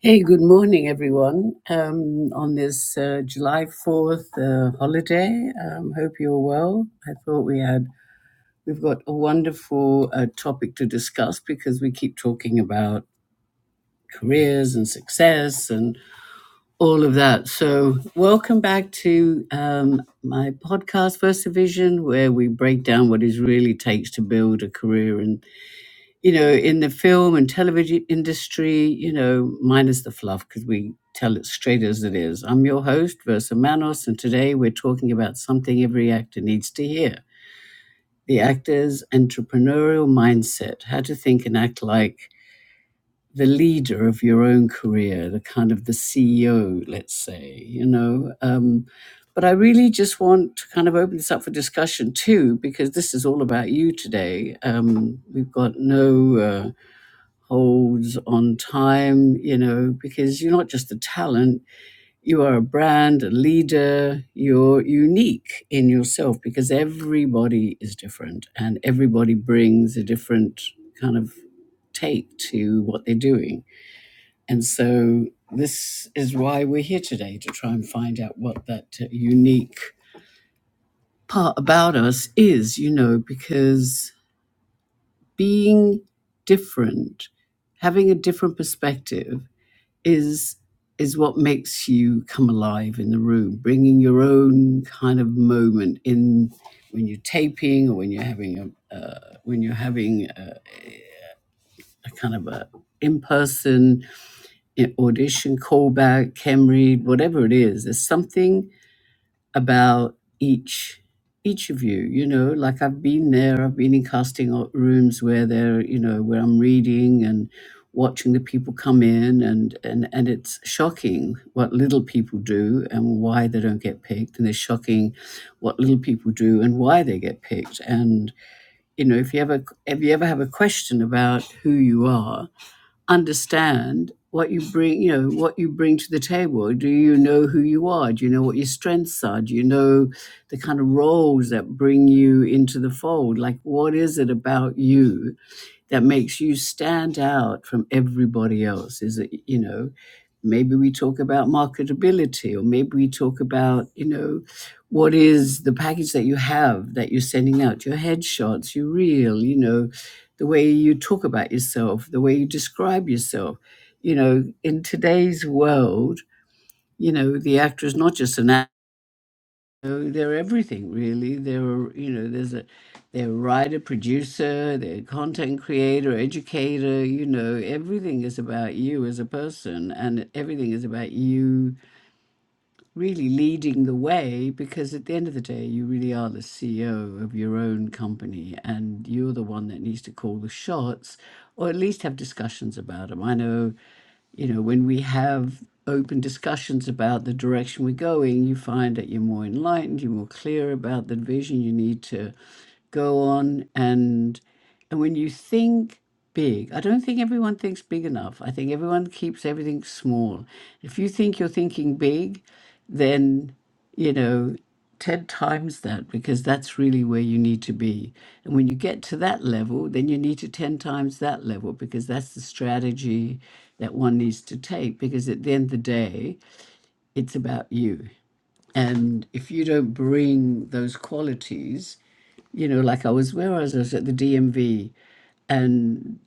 Hey, good morning, everyone. Um, on this uh, July Fourth uh, holiday, um, hope you're well. I thought we had we've got a wonderful uh, topic to discuss because we keep talking about careers and success and all of that. So, welcome back to um, my podcast, First Division, where we break down what it really takes to build a career and you know, in the film and television industry, you know, minus the fluff, because we tell it straight as it is. I'm your host, Versa Manos, and today we're talking about something every actor needs to hear the actor's entrepreneurial mindset, how to think and act like the leader of your own career, the kind of the CEO, let's say, you know. Um, but I really just want to kind of open this up for discussion too, because this is all about you today. Um, we've got no. Uh, holds on time, you know, because you're not just a talent, you are a brand, a leader, you're unique in yourself because everybody is different and everybody brings a different kind of take to what they're doing. And so this is why we're here today to try and find out what that uh, unique part about us is, you know, because being different, having a different perspective is is what makes you come alive in the room bringing your own kind of moment in when you're taping or when you're having a uh, when you're having a, a kind of a in-person audition callback chem read whatever it is there's something about each each of you you know like i've been there i've been in casting o- rooms where they're you know where i'm reading and watching the people come in and and and it's shocking what little people do and why they don't get picked and it's shocking what little people do and why they get picked and you know if you ever if you ever have a question about who you are understand what you bring you know what you bring to the table do you know who you are do you know what your strengths are do you know the kind of roles that bring you into the fold like what is it about you that makes you stand out from everybody else is that you know maybe we talk about marketability or maybe we talk about you know what is the package that you have that you're sending out your headshots your reel you know the way you talk about yourself the way you describe yourself you know in today's world you know the actor is not just an know, they're everything really. They're you know, there's a they're a writer, producer, they're a content creator, educator, you know, everything is about you as a person and everything is about you really leading the way because at the end of the day, you really are the CEO of your own company and you're the one that needs to call the shots or at least have discussions about them. I know, you know, when we have open discussions about the direction we're going, you find that you're more enlightened, you're more clear about the vision you need to go on and and when you think big, I don't think everyone thinks big enough. I think everyone keeps everything small. If you think you're thinking big, then you know 10 times that because that's really where you need to be and when you get to that level then you need to 10 times that level because that's the strategy that one needs to take because at the end of the day it's about you and if you don't bring those qualities you know like i was where I was, I I was at the dmv and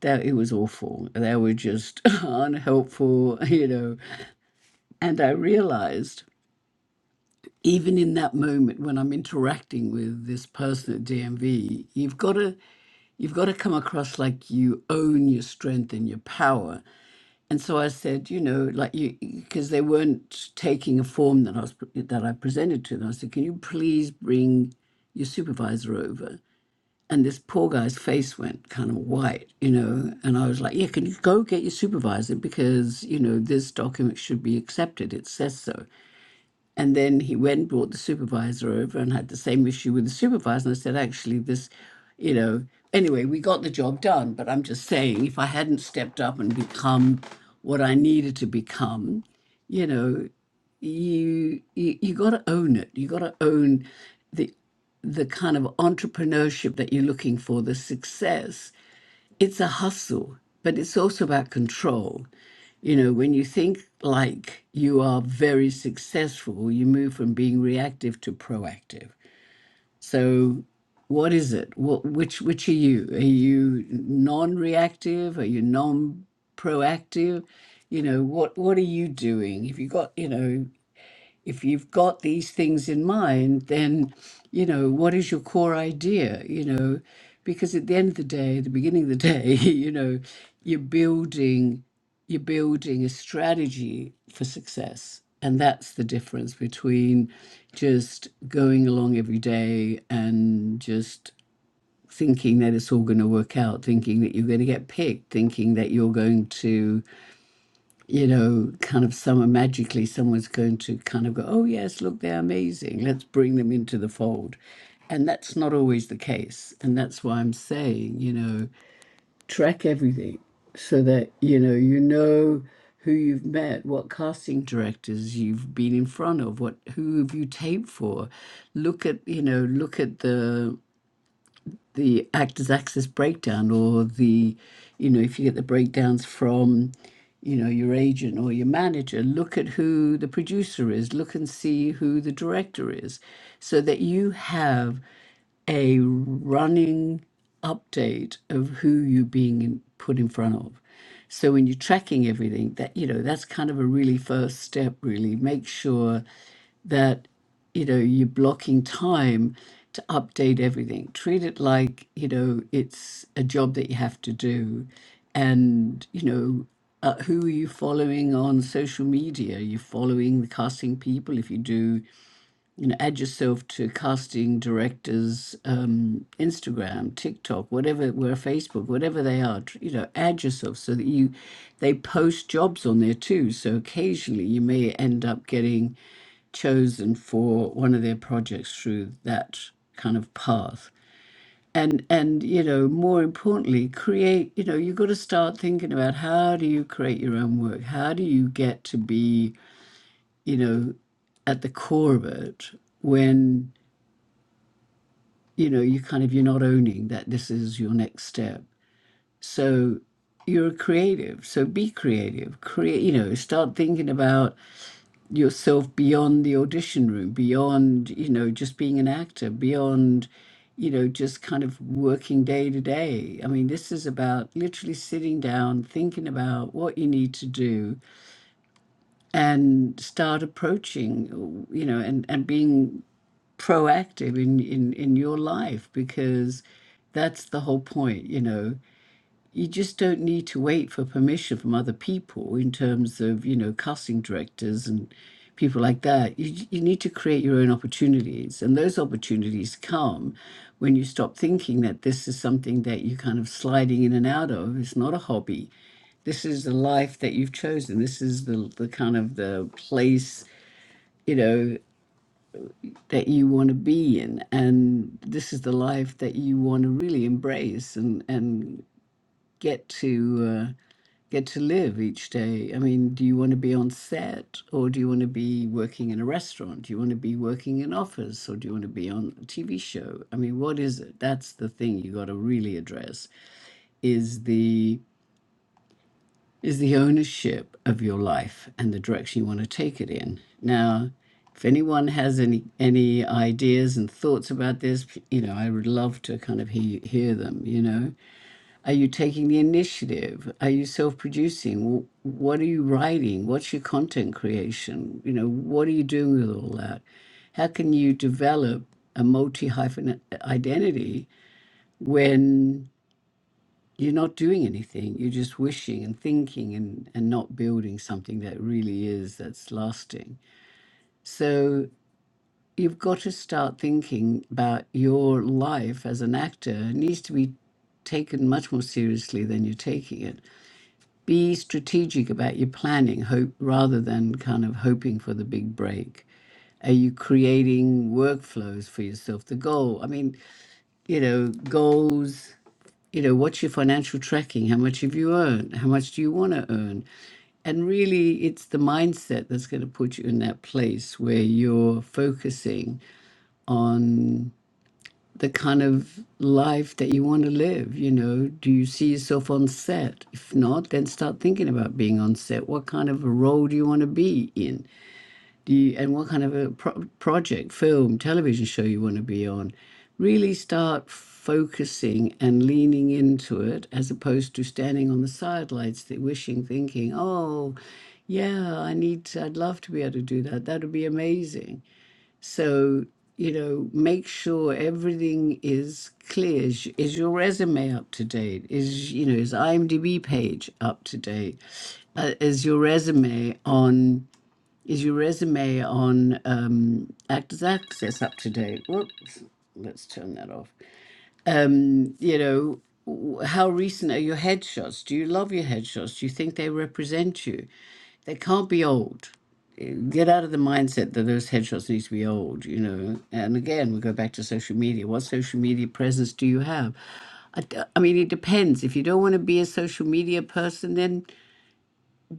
that it was awful they were just unhelpful you know and i realized even in that moment when I'm interacting with this person at DMV, you've got to you've got to come across like you own your strength and your power. And so I said, you know, like you because they weren't taking a form that I was that I presented to them. I said, can you please bring your supervisor over? And this poor guy's face went kind of white, you know. And I was like, yeah, can you go get your supervisor because you know this document should be accepted. It says so. And then he went, brought the supervisor over and had the same issue with the supervisor. And I said, actually, this, you know, anyway, we got the job done. But I'm just saying, if I hadn't stepped up and become what I needed to become, you know, you you, you got to own it. You got to own the the kind of entrepreneurship that you're looking for, the success it's a hustle, but it's also about control. You know, when you think like you are very successful, you move from being reactive to proactive. So, what is it? What which which are you? Are you non-reactive? Are you non-proactive? You know, what what are you doing? If you got, you know if you've got these things in mind, then, you know, what is your core idea? You know, because at the end of the day, at the beginning of the day, you know, you're building you're building a strategy for success. And that's the difference between just going along every day and just thinking that it's all going to work out, thinking that you're going to get picked, thinking that you're going to you know, kind of summer magically someone's going to kind of go, oh, yes, look, they're amazing. Let's bring them into the fold. And that's not always the case. And that's why I'm saying, you know, track everything so that, you know, you know who you've met, what casting directors you've been in front of, what who have you taped for. Look at, you know, look at the the actors access breakdown or the you know if you get the breakdowns from you know your agent or your manager look at who the producer is look and see who the director is so that you have a running update of who you're being in, put in front of so when you're tracking everything that you know that's kind of a really first step really make sure that you know you're blocking time to update everything treat it like you know it's a job that you have to do and you know uh, who are you following on social media you're following the casting people if you do you know, add yourself to casting directors, um, Instagram, TikTok, whatever, where Facebook, whatever they are, tr- you know, add yourself so that you, they post jobs on there too. So occasionally you may end up getting chosen for one of their projects through that kind of path. And and you know, more importantly, create. You know, you've got to start thinking about how do you create your own work? How do you get to be, you know, at the core of it when you know you kind of you're not owning that this is your next step so you're a creative so be creative create you know start thinking about yourself beyond the audition room beyond you know just being an actor beyond you know just kind of working day to day i mean this is about literally sitting down thinking about what you need to do and start approaching you know and and being proactive in, in, in your life because that's the whole point, you know. You just don't need to wait for permission from other people in terms of, you know, casting directors and people like that. You, j- you need to create your own opportunities. And those opportunities come when you stop thinking that this is something that you're kind of sliding in and out of. It's not a hobby this is the life that you've chosen. This is the the kind of the place, you know that you want to be in and this is the life that you want to really embrace and and get to uh, get to live each day i mean do you want to be on set or do you want to be working in a restaurant do you want to be working in office or do you want to be on a tv show i mean what is it that's the thing you got to really address is the is the ownership of your life and the direction you want to take it in. Now, if anyone has any any ideas and thoughts about this, p- you know, I would love to kind of hear hear them. You know, are you taking the initiative? Are you self producing? What are you writing? What's your content creation? You know, what are you doing with all that? How can you develop a multi hyphen identity when you're not doing anything. You're just wishing and thinking and, and not building something that really is that's lasting. So you've got to start thinking about your life as an actor. It needs to be taken much more seriously than you're taking it. Be strategic about your planning, hope rather than kind of hoping for the big break. Are you creating workflows for yourself? The goal, I mean, you know, goals you know, what's your financial tracking? How much have you earned? How much do you want to earn? And really, it's the mindset that's going to put you in that place where you're focusing on the kind of life that you want to live. You know, do you see yourself on set? If not, then start thinking about being on set. What kind of a role do you want to be in? do you, and what kind of a pro- project, film, television show you want to be on. Really start focusing and leaning into it as opposed to standing on the sidelines, th- wishing, thinking, oh, yeah, I need, to, I'd love to be able to do that. That would be amazing. So, you know, make sure everything is clear. Is, is your resume up to date? Is, you know, is IMDb page up to date? Uh, is your resume on is your resume on um, Actors Access up to date? Whoops, let's turn that off. And, you know, w- how recent are your headshots? Do you love your headshots? Do you think they represent you? They can't be old. Uh, Get out of the mindset that those headshots need to be old, you know. And again, we go back to social media. What social media presence do you have? I, d- I mean, it depends. If you don't want to be a social media person,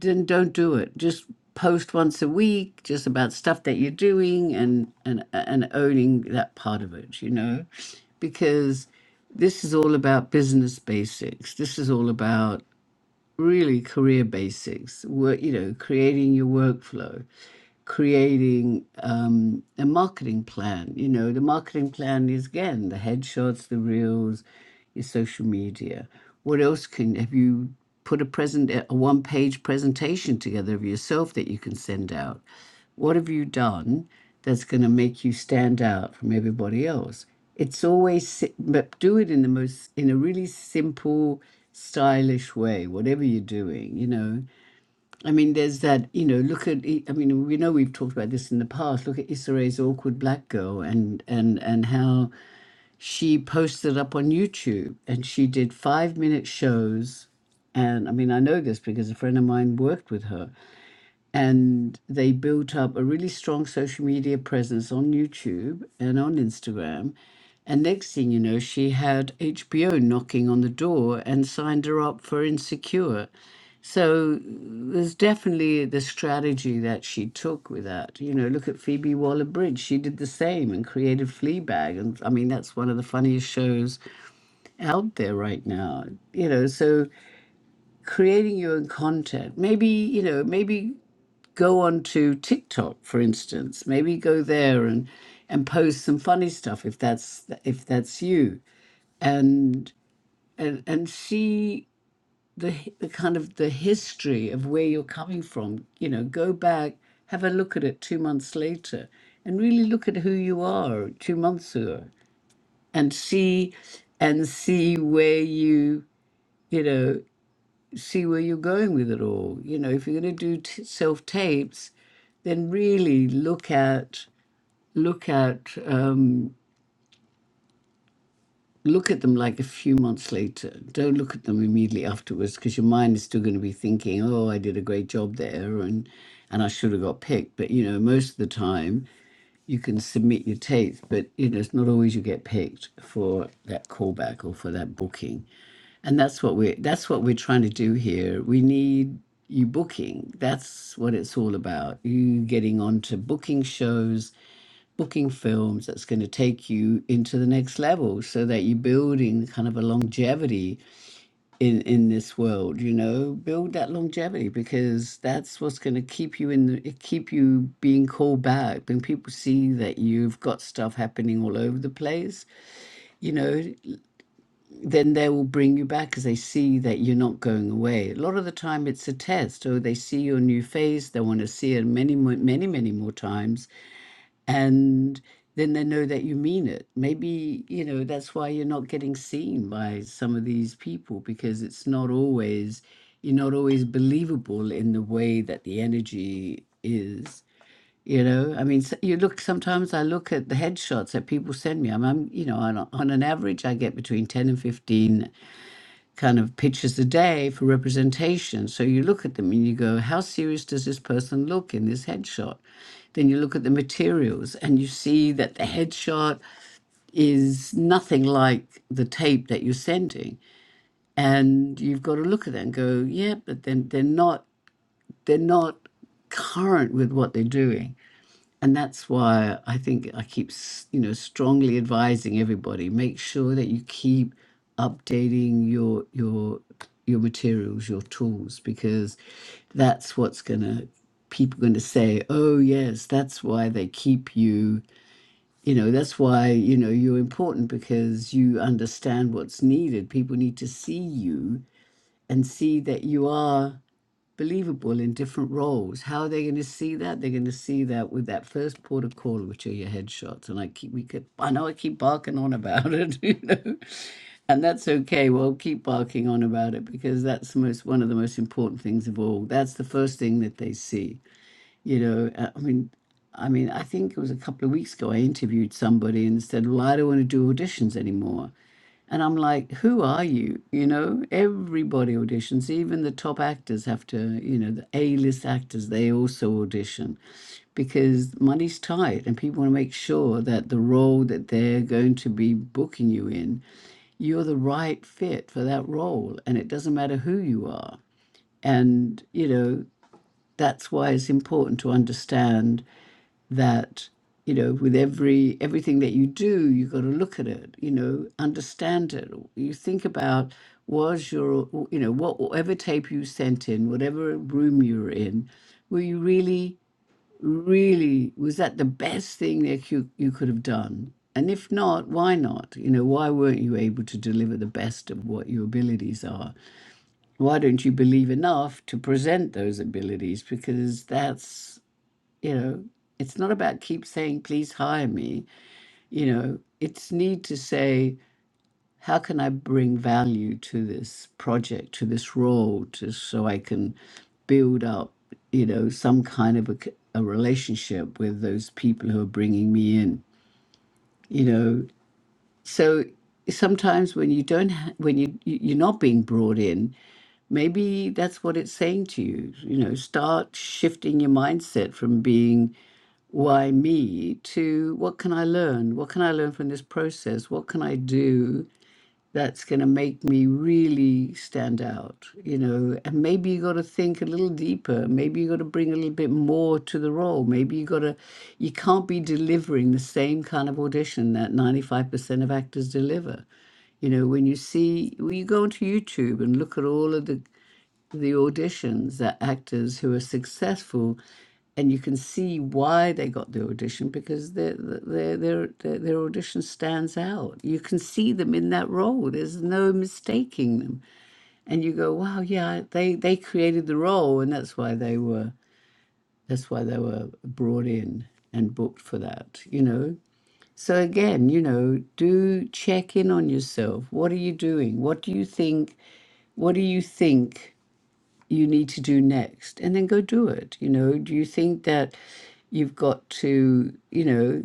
then don't do it. Just post once a week, just about stuff that you're doing and and and owning that part of it, you know, because this is all about business basics. This is all about really career basics, work, you know, creating your workflow, creating um, a marketing plan. You know, the marketing plan is again the headshots, the reels, your social media. What else can have you put a present a one page presentation together of yourself that you can send out? What have you done? that's going to make you stand out from everybody else. It's always, si- but do it in the most, in a really simple, stylish way, whatever you're doing, you know. I mean, there's that, you know, look at, I mean, we know we've talked about this in the past. Look at Issa Rae's Awkward Black Girl and, and, and how she posted up on YouTube and she did five minute shows and I mean, I know this because a friend of mine worked with her and they built up a really strong social media presence on YouTube and on Instagram. And next thing you know, she had HBO knocking on the door and signed her up for Insecure. So there's definitely the strategy that she took with that. You know, look at Phoebe Waller Bridge. She did the same and created Fleabag. And I mean, that's one of the funniest shows out there right now. You know, so creating your own content, maybe, you know, maybe go onto TikTok, for instance. Maybe go there and and post some funny stuff if that's if that's you, and and and see the hi- the kind of the history of where you're coming from. You know, go back, have a look at it two months later, and really look at who you are two months ago, and see and see where you you know see where you're going with it all. You know, if you're going to do t- self tapes, then really look at look at um, look at them like a few months later. Don't look at them immediately afterwards because your mind is still going to be thinking, "Oh, I did a great job there," and and I should have got picked. But you know, most of the time you can submit your tapes, but you know, it's not always you get picked for that callback or for that booking and that's what we're that's what we're trying to do here we need you booking that's what it's all about you getting onto booking shows booking films that's going to take you into the next level so that you're building kind of a longevity in in this world you know build that longevity because that's what's going to keep you in the, keep you being called back when people see that you've got stuff happening all over the place you know then they will bring you back because they see that you're not going away. A lot of the time, it's a test. So they see your new face, they want to see it many, mo- many, many more times, and then they know that you mean it. Maybe you know that's why you're not getting seen by some of these people because it's not always you're not always believable in the way that the energy is. You know, I mean, s- you look. Sometimes I look at the headshots that people send me. I'm, I'm you know, on, a- on an average, I get between ten and 15 kind of pictures a day for representation. So you look at them and you go, how serious does this person look in this headshot? Then you look at the materials and you see that the headshot is nothing like the tape that you're sending. And you've got to look at that and go, yeah, but then they're not they're not current with what they're doing and that's why I think I keep, s- you know, strongly advising everybody make sure that you keep updating your your your materials, your tools, because that's what's gonna people gonna say, oh yes, that's why they keep you, you know, that's why you know you're important because you understand what's needed. People need to see you and see that you are believable in different roles. How are they going to see that? They're going to see that with that first port of call, which are your headshots. And I keep, we could, I know I keep barking on about it, you know, and that's okay. We'll keep barking on about it because that's the most, one of the most important things of all. That's the first thing that they see, you know. Uh, I mean, I mean, I think it was a couple of weeks ago I interviewed somebody and said, Well, I don't want to do auditions anymore. And I'm like, who are you? You know, everybody auditions, even the top actors have to, you know, the A list actors, they also audition because money's tight and people want to make sure that the role that they're going to be booking you in, you're the right fit for that role. And it doesn't matter who you are. And, you know, that's why it's important to understand that you know with every everything that you do you've got to look at it you know understand it you think about was your you know what whatever tape you sent in whatever room you were in were you really really was that the best thing that you, you could have done and if not why not you know why weren't you able to deliver the best of what your abilities are why don't you believe enough to present those abilities because that's you know it's not about keep saying please hire me you know it's need to say how can i bring value to this project to this role to so i can build up you know some kind of a, c- a relationship with those people who are bringing me in you know so sometimes when you don't, ha- when you you- you're not being brought in, maybe that's what it's saying to you. You know, start shifting your mindset from being why me to what can I learn? What can I learn from this process? What can I do? that's going to make me really stand out, you know. And maybe you got to think a little deeper. Maybe you got to bring a little bit more to the role. Maybe you got to, you can't be delivering the same kind of audition that 95% of actors deliver. You know, when you see, when you go onto YouTube and look at all of the the auditions are actors who are successful, and you can see why they got the audition because their their their their, their audition stands out. You can see them in that role. There's no mistaking them, and you go, "Wow, yeah, they they created the role, and that's why they were that's why they were brought in and booked for that." You know. So again, you know, do check in on yourself. What are you doing? What do you think? What do you think? you need to do next and then go do it you know do you think that you've got to you know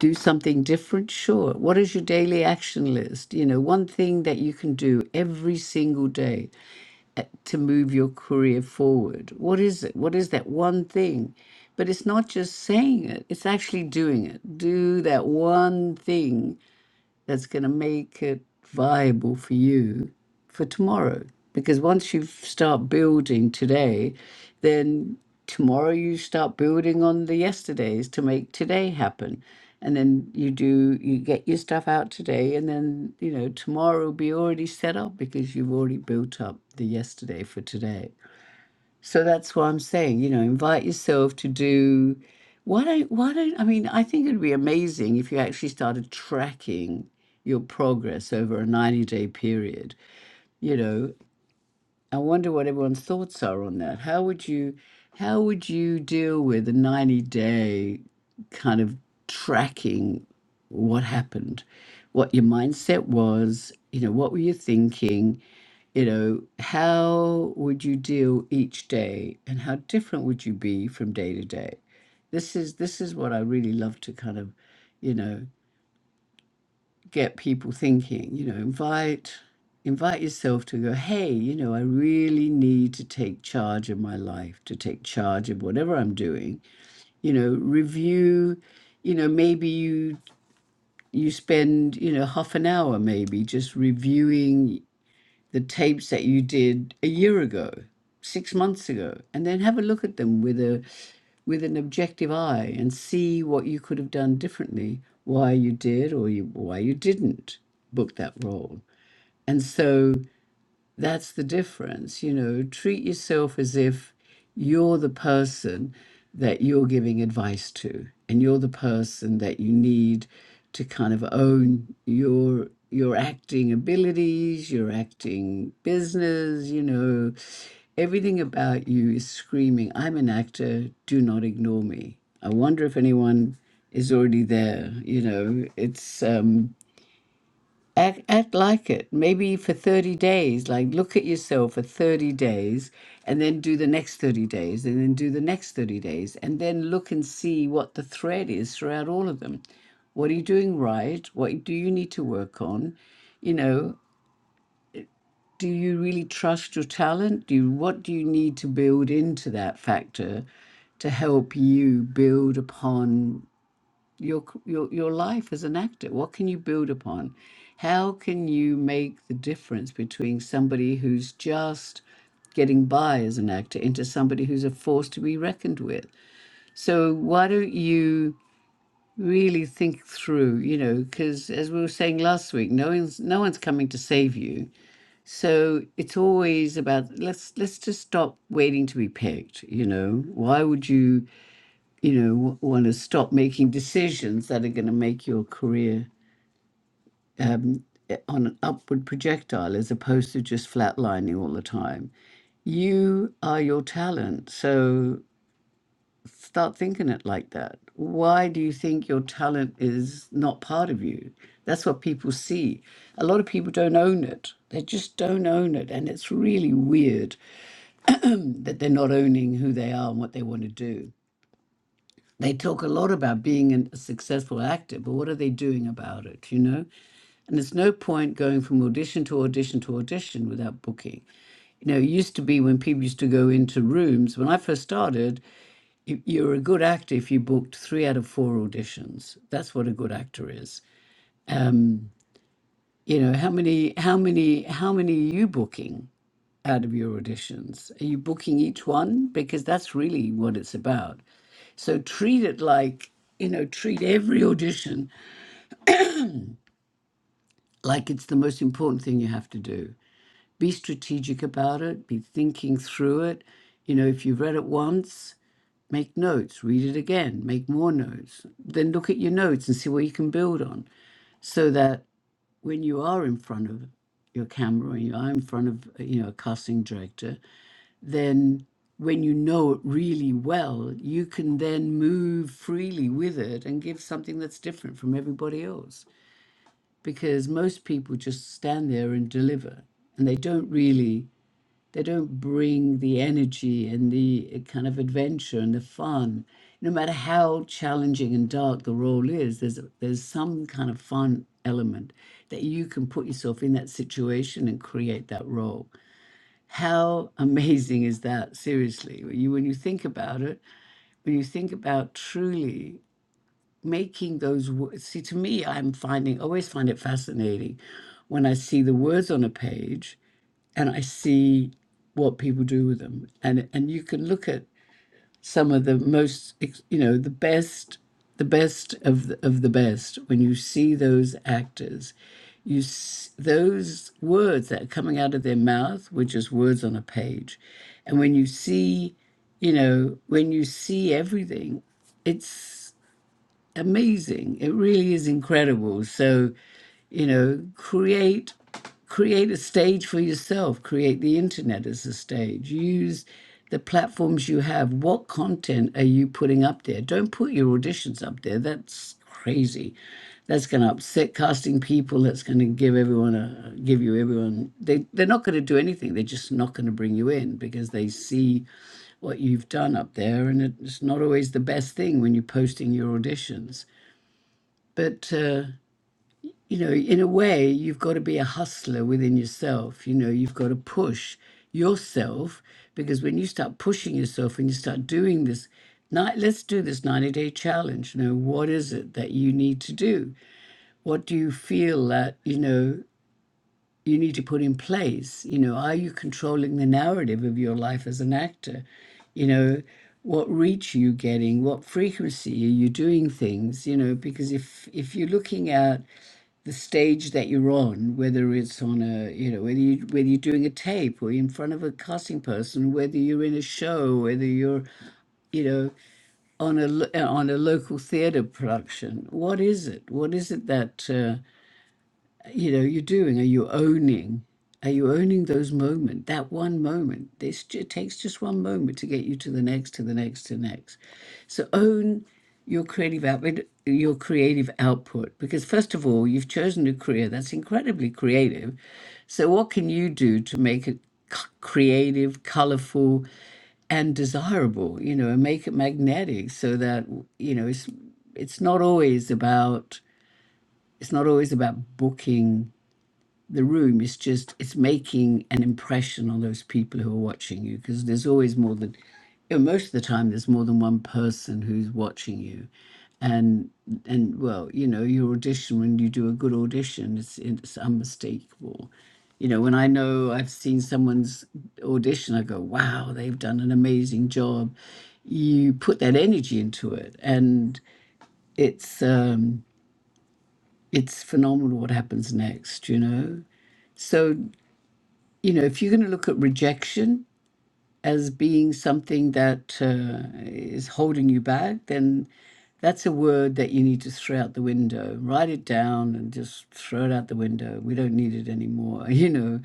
do something different sure what is your daily action list you know one thing that you can do every single day to move your career forward what is it what is that one thing but it's not just saying it it's actually doing it do that one thing that's going to make it viable for you for tomorrow. Because once you start building today, then tomorrow you start building on the yesterdays to make today happen. And then you do, you get your stuff out today, and then, you know, tomorrow will be already set up because you've already built up the yesterday for today. So that's what I'm saying. You know, invite yourself to do. Why don't, why don't, I mean, I think it'd be amazing if you actually started tracking your progress over a 90 day period. You know, I wonder what everyone's thoughts are on that. How would you, how would you deal with a 90 day kind of tracking what happened, what your mindset was, you know, what were you thinking? you know, how would you deal each day and how different would you be from day to day? This is this is what I really love to kind of, you know, get people thinking, you know, invite invite yourself to go, hey, you know, I really need to take charge of my life, to take charge of whatever I'm doing. You know, review, you know, maybe you you spend, you know, half an hour maybe just reviewing the tapes that you did a year ago, six months ago, and then have a look at them with a with an objective eye and see what you could have done differently, why you did or you, why you didn't book that role. And so that's the difference. You know, treat yourself as if you're the person that you're giving advice to, and you're the person that you need to kind of own your your acting abilities, your acting business, you know, everything about you is screaming, I'm an actor, do not ignore me. I wonder if anyone is already there, you know. It's um Act, act like it. Maybe for 30 days, like look at yourself for 30 days and then do the next 30 days and then do the next 30 days and then look and see what the thread is throughout all of them. What are you doing right? What do you need to work on? You know, do you really trust your talent? Do you, what do you need to build into that factor to help you build upon? your your your life as an actor what can you build upon how can you make the difference between somebody who's just getting by as an actor into somebody who's a force to be reckoned with so why don't you really think through you know because as we were saying last week no one's no one's coming to save you so it's always about let's let's just stop waiting to be picked you know why would you you know, want to stop making decisions that are going to make your career um, eh, on an upward projectile as opposed to just flatlining all the time. You are your talent. So start thinking it like that. Why do you think your talent is not part of you? That's what people see. A lot of people don't own it. They just don't own it. And it's really weird that they're not owning who they are and what they want to do. They talk a lot about being an- a successful actor, but what are they doing about it, you know? And there's no point going from audition to audition to audition without booking. You know, it used to be when people used to go into rooms, when I first started, you, you were a good actor if you booked three out of four auditions. That's what a good actor is. You know, how many, how many, how many are you booking out of your auditions? Are you booking each one? Because that's really what it's about. So treat it like, you know, treat every audition like it's the most important thing you have to do. Be strategic about it, be thinking through it. You know, if you've read it once, make notes, read it again, make more notes. Then look at your notes and see what you can build on so that when you are in front of your camera and you are in front of, uh, you know, a casting director, then when you know it really well, you can then move freely with it and give something that's different from everybody else because most people just stand there and deliver and they don't really they don't bring the energy and the eh, kind of adventure and the fun no matter how challenging and dark the role is there's there's some kind of fun element that you can put yourself in that situation and create that role how amazing is that seriously when you when you think about it when you think about truly making those words see to me i'm finding always find it fascinating when i see the words on a page and i see what people do with them and and you can look at some of the most ex- you know the best the best of the, of the best when you see those actors you s- those words that are coming out of their mouth were just words on a page and when you see you know when you see everything it's amazing. It really is incredible. So, you know, create create a stage for yourself create the internet as a stage use the platforms you have what content are you putting up there don't put your auditions up there that's crazy that's going to upset casting people that's going to give everyone a give you everyone they they're not going to do anything they're just not going to bring you in because they see what you've done up there and it's not always the best thing when you're posting your auditions but uh, you know in a way you've got to be a hustler within yourself you know you've got to push yourself because when you start pushing yourself and you start doing this night let's do this 90 day challenge you know what is it that you need to do what do you feel that you know you need to put in place you know are you controlling the narrative of your life as an actor you know what reach are you getting what frequency are you doing things you know because if if you're looking at the stage that you're on, whether it's on a, you know, whether you whether you're doing a tape or in front of a casting person, whether you're in a show, whether you're, you know, on a lo- uh, on a local theatre production. What is it? What is it that? uh, you know you're doing are you owning are you owning those moment that one moment this ju- it takes just one moment to get you to the next to the next to the next so own your creative output your creative output because first of all you've chosen a career that's incredibly creative so what can you do to make it c- creative colorful and desirable you know and make it magnetic so that you know it's it's not always about it's not always about booking the room is just it's making an impression on those people who are watching you because there's always more than you know, most of the time there's more than one person who's watching you and and well you know your audition when you do a good audition it's it's unmistakable you know when i know i've seen someone's audition i go wow they've done an amazing job you put that energy into it and it's um it's phenomenal what happens next you know so you know, if you're going to look at rejection, as being something that uh, is holding you back, then that's a word that you need to throw out the window. Write it down and just throw it out the window. We don't need it anymore, you know,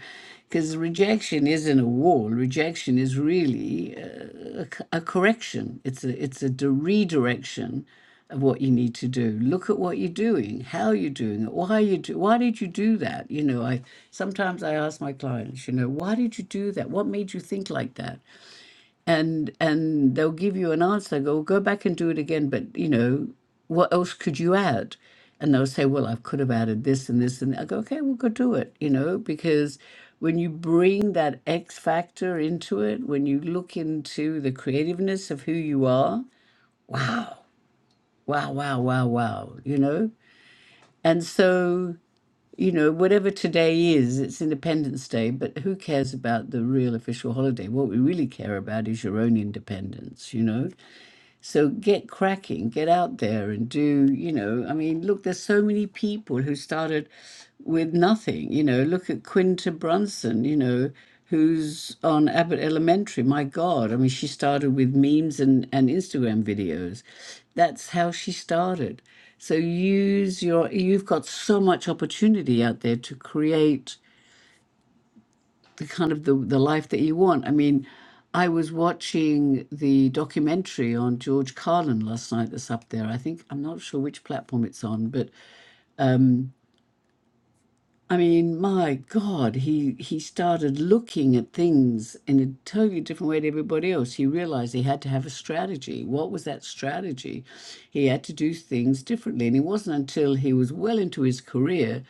because rejection isn't a wall. Rejection is really uh, a, c- a correction. It's a it's a de- redirection of what you need to do. Look at what you're doing, how you're doing it, why you do, why did you do that? You know, I sometimes I ask my clients, you know, why did you do that? What made you think like that? and and they'll give you an answer go go back and do it again but you know what else could you add and they'll say well i could have added this and this and i go okay we'll go do it you know because when you bring that x factor into it when you look into the creativeness of who you are wow wow wow wow you know and so you know whatever today is it's independence day but who cares about the real official holiday what we really care about is your own independence you know So get cracking, get out there and do, you know, I mean, look, there's so many people who started with nothing, you know, look at Quinta Brunson, you know, who's on Abbott Elementary. My God, I mean, she started with memes and, and Instagram videos. That's how she started. So use your, you've got so much opportunity out there to create the kind of the, the life that you want. I mean, I was watching the documentary on George Carlin last night that's up there. I think I'm not sure which platform it's on, but um, I mean, my God, he he started looking at things in a totally different way to everybody else. He realized he had to have a strategy. What was that strategy? He had to do things differently. And it wasn't until he was well into his career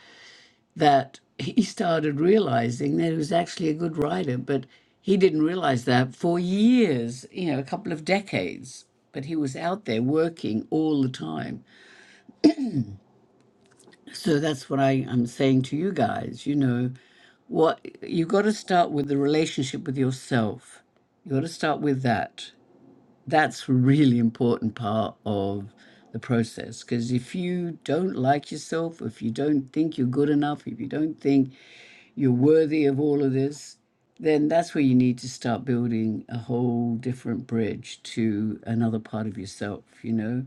that he started realizing that he was actually a good writer, but he didn't realize that for years, you know, a couple of decades. But he was out there working all the time. So that's what I, I'm saying to you guys, you know, what you got to start with the relationship with yourself. You got to start with that that's a really important part of the process because if you don't like yourself if you don't think you're good enough if you don't think you're worthy of all of this then that's where you need to start building a whole different bridge to another part of yourself you know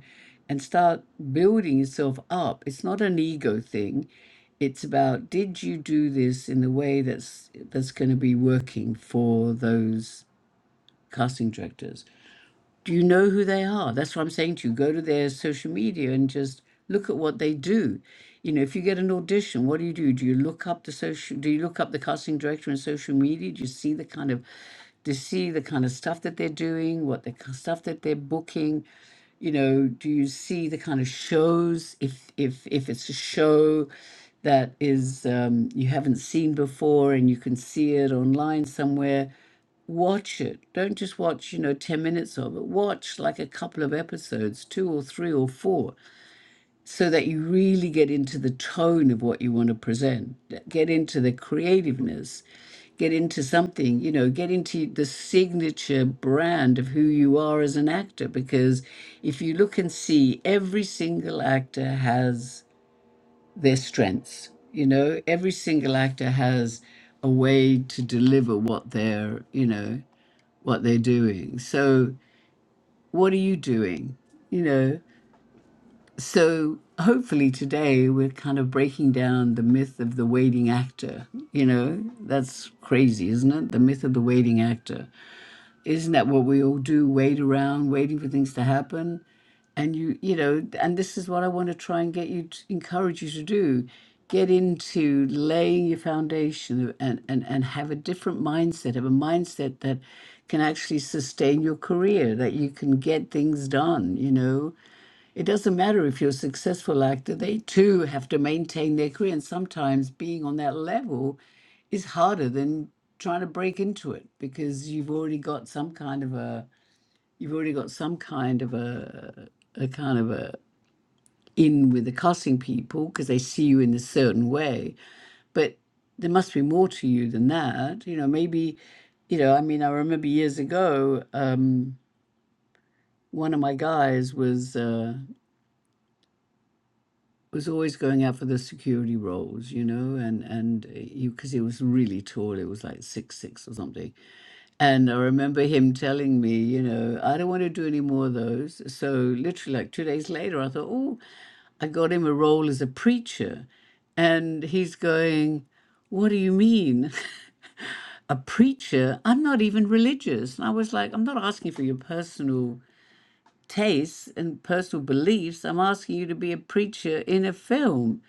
and start building yourself up it's not an ego thing it's about did you do this in the way that's that's going to be working for those casting directors do you know who they are? That's what I'm saying to you. Go to their social media and just look at what they do. You know, if you get an audition, what do you do? Do you look up the social? Do you look up the casting director on social media? Do you see the kind of, do you see the kind of stuff that they're doing? What the k- stuff that they're booking? You know, do you see the kind of shows? If if if it's a show that is um, you haven't seen before and you can see it online somewhere, watch it. Don't just watch, you know, 10 minutes of it. Watch like a couple of episodes, two or three or four, so that you really get into the tone of what you want to present, get into the creativeness, get into something, you know, get into the signature brand of who you are as an actor. Because if you look and see, every single actor has their strengths. You know, every single actor has a way to deliver what they're, you know what they're doing. So, what are you doing? You know, so hopefully today we're kind of breaking down the myth of the waiting actor. You know, that's crazy, isn't it? The myth of the waiting actor. Isn't that what we all do? Wait around, waiting for things to happen. And you, you know, and this is what I want to try and get you to encourage you to do. Get into laying your foundation and, and, and have a different mindset, have a mindset that can actually sustain your career, that you can get things done, you know it doesn't matter if you're a successful actor, they too have to maintain their career. And sometimes being on that level is harder than trying to break into it because you've already got some kind of a you've already got some kind of a a kind of a in with the casting people because they see you in a certain way. But there must be more to you than that. You know, maybe, you know, I mean, I remember years ago, um, one of my guys was. Uh, was always going out for the security roles, you know, and and uh, you because he was really tall, it was like six six or something. And I remember him telling me, you know, I don't want to do any more of those. So literally, like two days later, I thought, oh, I got him a role as a preacher, and he's going, what do you mean? A preacher? I'm not even religious. And I was like, I'm not asking for your personal tastes and personal beliefs. I'm asking you to be a preacher in a film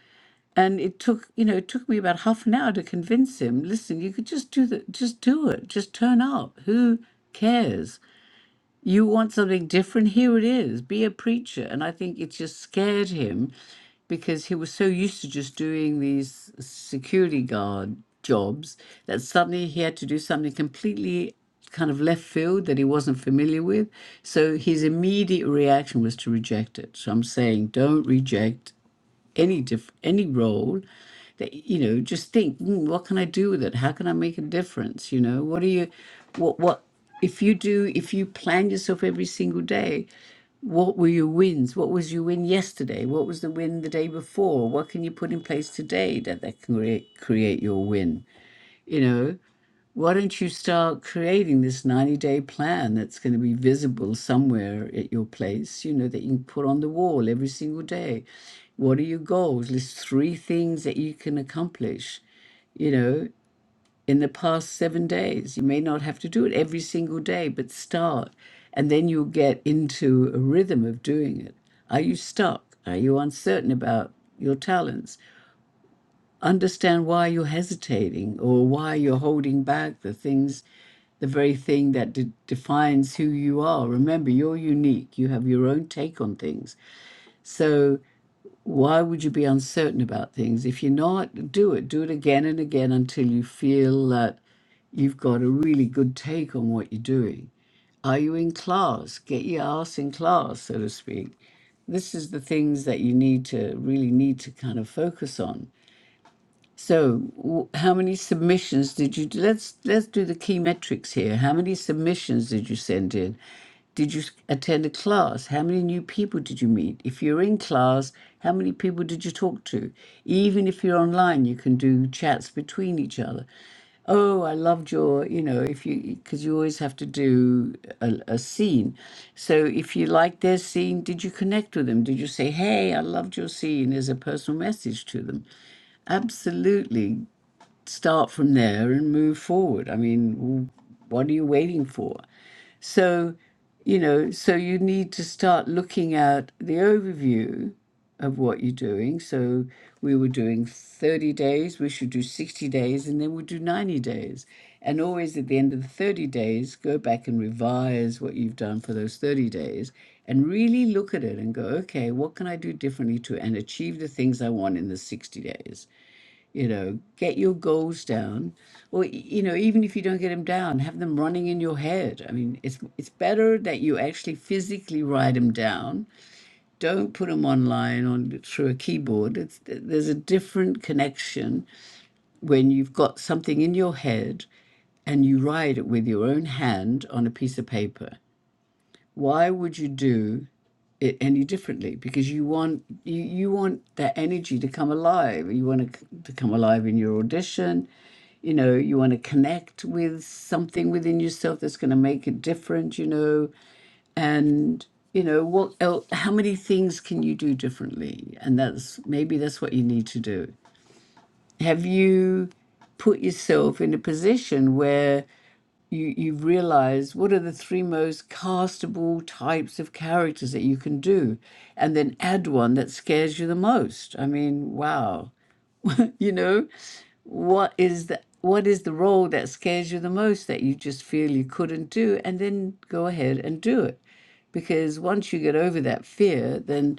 and it took you know it took me about half an hour to convince him listen you could just do the just do it just turn up who cares you want something different here it is be a preacher and i think it just scared him because he was so used to just doing these security guard jobs that suddenly he had to do something completely kind of left field that he wasn't familiar with so his immediate reaction was to reject it so i'm saying don't reject any diff- any role that you know just think "Hmm, what can i do with it how can i make a difference you know what are you what what if you do if you plan yourself every single day what were your wins what was your win yesterday what was the win the day before what can you put in place today that that can create create your win you know why don't you start creating this 90 day plan that's going to be visible somewhere at your place, you know, that you can put on the wall every single day? What are your goals? List three things that you can accomplish, you know, in the past seven days. You may not have to do it every single day, but start. And then you'll get into a rhythm of doing it. Are you stuck? Are you uncertain about your talents? Understand why you're hesitating or why you're holding back the things, the very thing that de- defines who you are. Remember, you're unique. You have your own take on things. So, why would you be uncertain about things? If you're not, do it. Do it again and again until you feel that you've got a really good take on what you're doing. Are you in class? Get your ass in class, so to speak. This is the things that you need to really need to kind of focus on so, w- how many submissions did you do? Let's let's do the key metrics here. How many submissions did you send in? Did you s- attend a class? How many new people did you meet? If you're in class, how many people did you talk to? Even if you're online, you can do chats between each other. Oh, I loved your, you know, if you, because you always have to do a, a scene. So if you liked their scene, did you connect with them? Did you say, hey, I loved your scene as a personal message to them? Absolutely. Start from there and move forward. I mean, w- what are you waiting for? So, you know, so you need to start looking at the overview of what you're doing. So we were doing 30 days, we should do 60 days, and then we'll do 90 days. And always at the end of the 30 days, go back and revise what you've done for those 30 days and really look at it and go, okay, what can I do differently to and achieve the things I want in the 60 days? You know, get your goals down, or you know, even if you don't get them down, have them running in your head. I mean, it's it's better that you actually physically write them down. Don't put them online on through a keyboard. It's, there's a different connection when you've got something in your head and you write it with your own hand on a piece of paper why would you do it any differently because you want you, you want that energy to come alive you want to, c- to come alive in your audition you know you want to connect with something within yourself that's going to make it different you know and you know what el how many things can you do differently and that's maybe that's what you need to do have you put yourself in a position where you you realize what are the three most castable types of characters that you can do and then add one that scares you the most i mean wow you know what is the what is the role that scares you the most that you just feel you couldn't do and then go ahead and do it because once you get over that fear then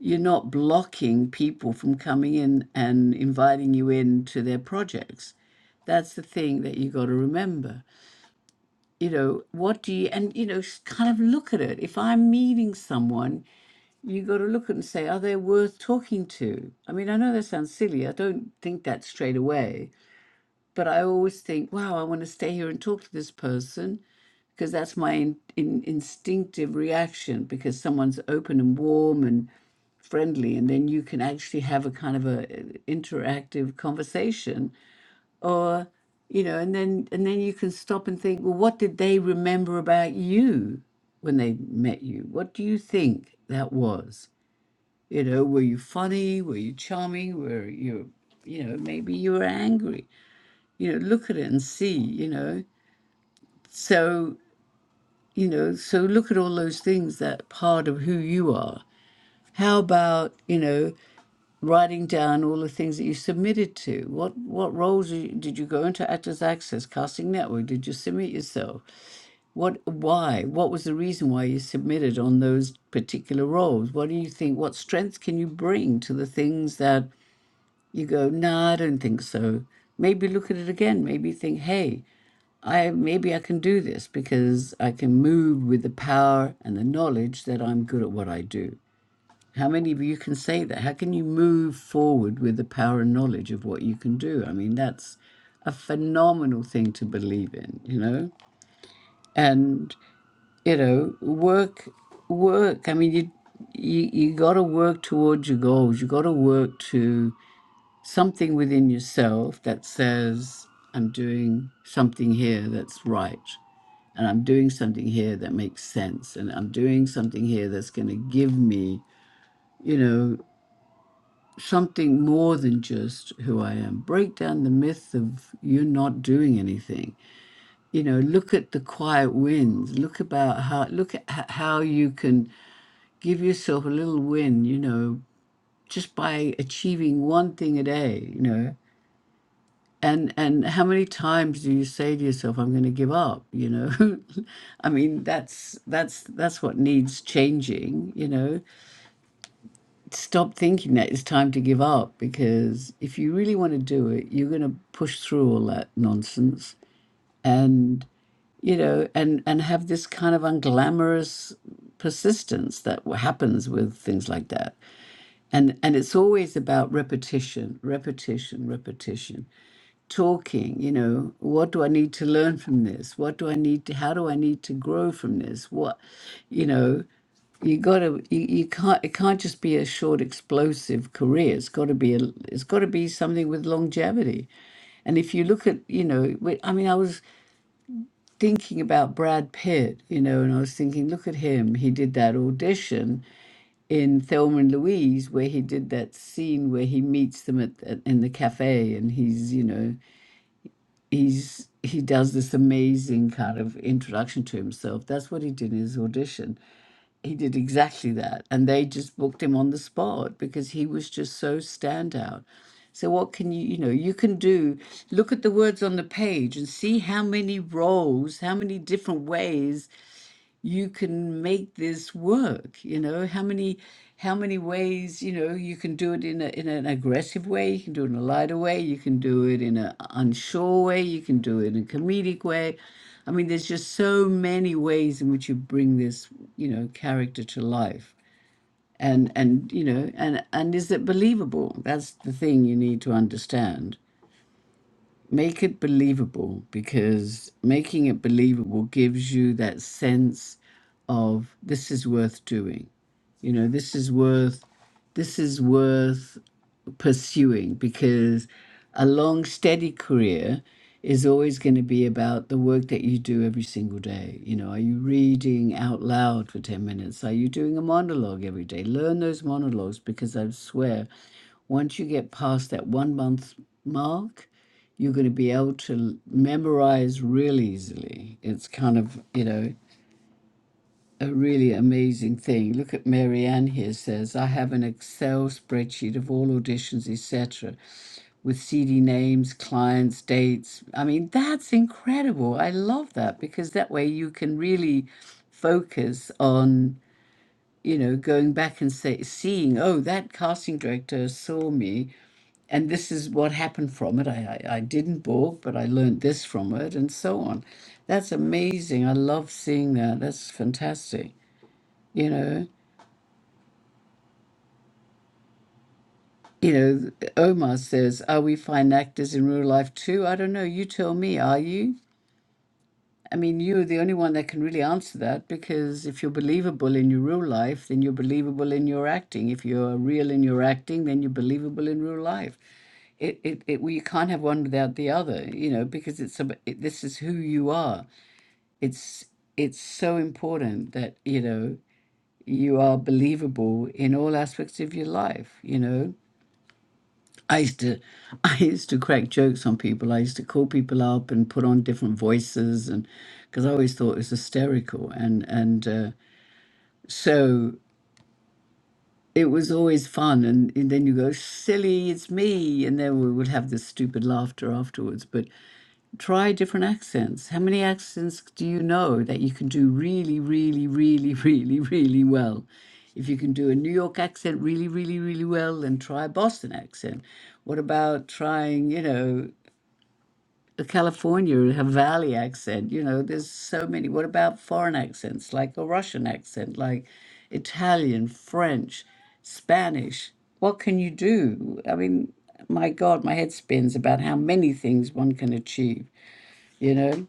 you're not blocking people from coming in and inviting you into their projects that's the thing that you got to remember you know what do you and you know s- kind of look at it if i'm meeting someone you got to look at and say are they worth talking to i mean i know that sounds silly i don't think that straight away but i always think wow i want to stay here and talk to this person because that's my in, in, instinctive reaction because someone's open and warm and friendly and then you can actually have a kind of a uh, interactive conversation or you know and then and then you can stop and think well what did they remember about you when they met you what do you think that was you know were you funny were you charming were you you know maybe you were angry you know look at it and see you know so you know so look at all those things that part of who you are how about you know writing down all the things that you submitted to? What what roles are you- did you go into? Actors Access, Casting Network? Did you submit yourself? What, why? What was the reason why you submitted on those particular roles? What do you think? What strengths can you bring to the things that you go, nah, I don't think so. Maybe look at it again. Maybe think, hey, I maybe I can do this because I can move with the power and the knowledge that I'm good at what I do. How many of you can say that? How can you move forward with the power and knowledge of what you can do? I mean, that's a phenomenal thing to believe in, you know? And you know work work i mean you you, you got to work towards your goals you got to work to something within yourself that says i'm doing something here that's right and i'm doing something here that makes sense and i'm doing something here that's going to give me you know something more than just who i am break down the myth of you're not doing anything you know look at the quiet wins look about how look at h- how you can give yourself a little win, you know, just by achieving one thing a day, you know. And and how many times do you say to yourself, I'm gonna give up, you know? I mean, that's that's that's what needs changing, you know. Stop thinking that it's time to give up because if you really want to do it, you're gonna push through all that nonsense and you know, and and have this kind of unglamorous persistence that happens with things like that and and it's always about repetition repetition repetition talking you know what do i need to learn from this what do i need to how do i need to grow from this what you know you gotta you, you can't it can't just be a short explosive career it's got to be a it's got to be something with longevity and if you look at, you know, we- I mean, I was thinking about Brad Pitt, you know, and I was thinking, look at him. He did that audition in Thelma and Louise, where he did that scene where he meets them at, at in the cafe, and he's you know he's he does this amazing kind of introduction to himself. That's what he did in his audition. He did exactly that, and they just booked him on the spot because he was just so standout. So what can you you know you can do? Look at the words on the page and see how many roles, how many different ways you can make this work you know how many how many ways you know you can do it in a in an aggressive way you can do it in a lighter way you can do it in a unsure way you can do it in a comedic way i mean there's just so many ways in which you bring this you know character to life and and you know and and is it believable that's the thing you need to understand Make it believable because making it believable gives you that sense of this is worth doing. You know, this is worth, this is worth pursuing because a long, steady career is always going to be about the work that you do every single day. You know, are you reading out loud for 10 minutes? Are you doing a monologue every day? Learn those monologues because I swear, once you get past that one month mark, you're going to be able to l- memorize real easily. It's kind of, you know, a really amazing thing. Look at Marianne here says, I have an Excel spreadsheet of all auditions, etc., with CD names, clients, dates. I mean, that's incredible. I love that because that way you can really focus on, you know, going back and say, seeing, oh, that casting director saw me and this is what happened from it. I, I, I didn't balk, but I learned this from it and so on. That's amazing. I love seeing that. That's fantastic. You know, you know, Omar says, Are we fine actors in real life too? I don't know. You tell me, are you? I mean, you're the only one that can really answer that because if you're believable in your real life, then you're believable in your acting. If you're real in your acting, then you're believable in real life. It, it, it well, you can't have one without the other, you know, because it's ab- it, this is who you are. It's it's so important that you know you are believable in all aspects of your life, you know I used to, I used to crack jokes on people. I used to call people up and put on different voices, and because I always thought it was hysterical, and and uh, so it was always fun. And, and then you go, silly, it's me, and then we would have this stupid laughter afterwards. But try different accents. How many accents do you know that you can do really, really, really, really, really well? if you can do a New York accent really, really, really well, then try a Boston accent. What about trying, you know, the California Havali accent. You know, there's so many. What about foreign accents like a Russian accent, like Italian, French, Spanish? What can you do? I mean, my God, my head spins about how many things one can achieve. You know,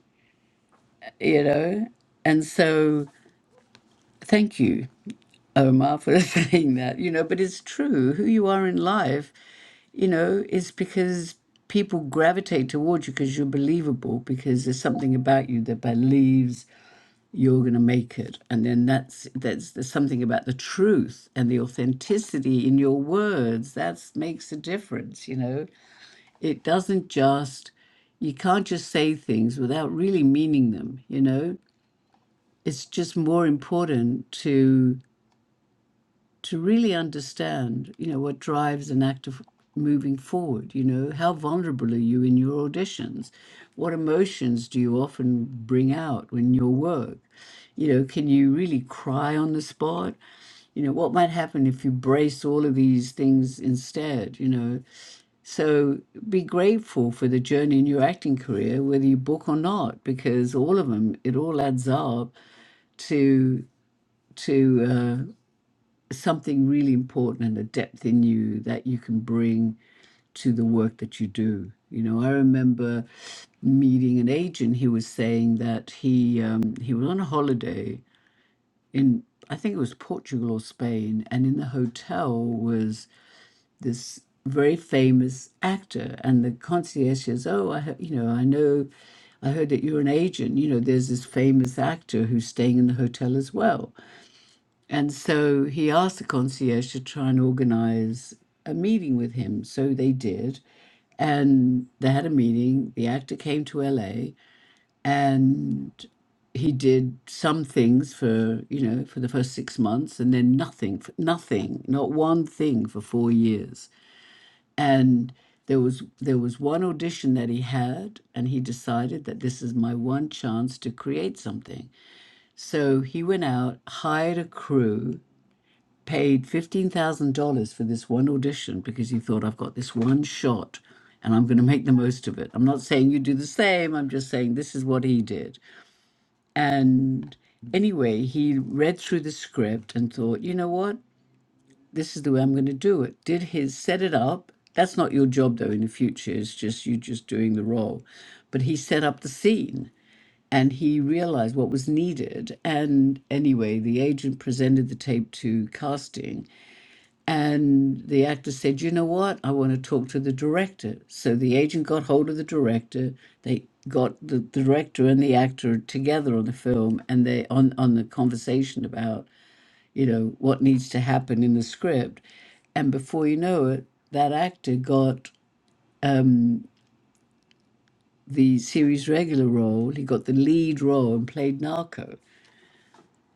you know, and so thank you, Omar, for saying that. You know, but it's true. Who you are in life you know, it's because people gravitate towards you because you're believable because there's something about you that believes you're going to make it and then that's that's there's something about the truth and the authenticity in your words that makes a difference you know it doesn't just you can't just say things without really meaning them you know it's just more important to. to really understand, you know, what drives an actor f- moving forward. You know, how vulnerable are you in your auditions? What emotions do you often bring out when your work? You know, can you really cry on the spot? You know, what might happen if you brace all of these things instead? You know, so be grateful for the journey in your acting career, whether you book or not, because all of them, it all adds up to to. uh, something really important and a depth in you that you can bring to the work that you do. You know, I remember meeting an agent. He was saying that he um, he was on a holiday in I think it was Portugal or Spain, and in the hotel was this very famous actor, and the concierge says, "Oh, I he- you know I know." I heard that you're an agent. You know, there's this famous actor who's staying in the hotel as well. And so he asked the concierge to try and organize a meeting with him. So they did. And they had a meeting. The actor came to LA and he did some things for, you know, for the first six months and then nothing, f- nothing, not one thing for four years. And there was there was one audition that he had and he decided that this is my one chance to create something so he went out hired a crew paid $15,000 for this one audition because he thought, I've got this one shot and I'm going to make the most of it. I'm not saying you do the same. I'm just saying this is what he did. And anyway, he read through the script and thought, you know what? This is the way I'm going to do it. Did his set it up. That's not your job though in the future. It's just you just doing the role. But he set up the scene and he realized what was needed. And anyway, the agent presented the tape to casting and the actor said, You know what? I want to talk to the director. So the agent got hold of the director. They got the director and the actor together on the film and they on, on the conversation about, you know, what needs to happen in the script. And before you know it, that actor got the series regular role. He got the lead role and played Narcos.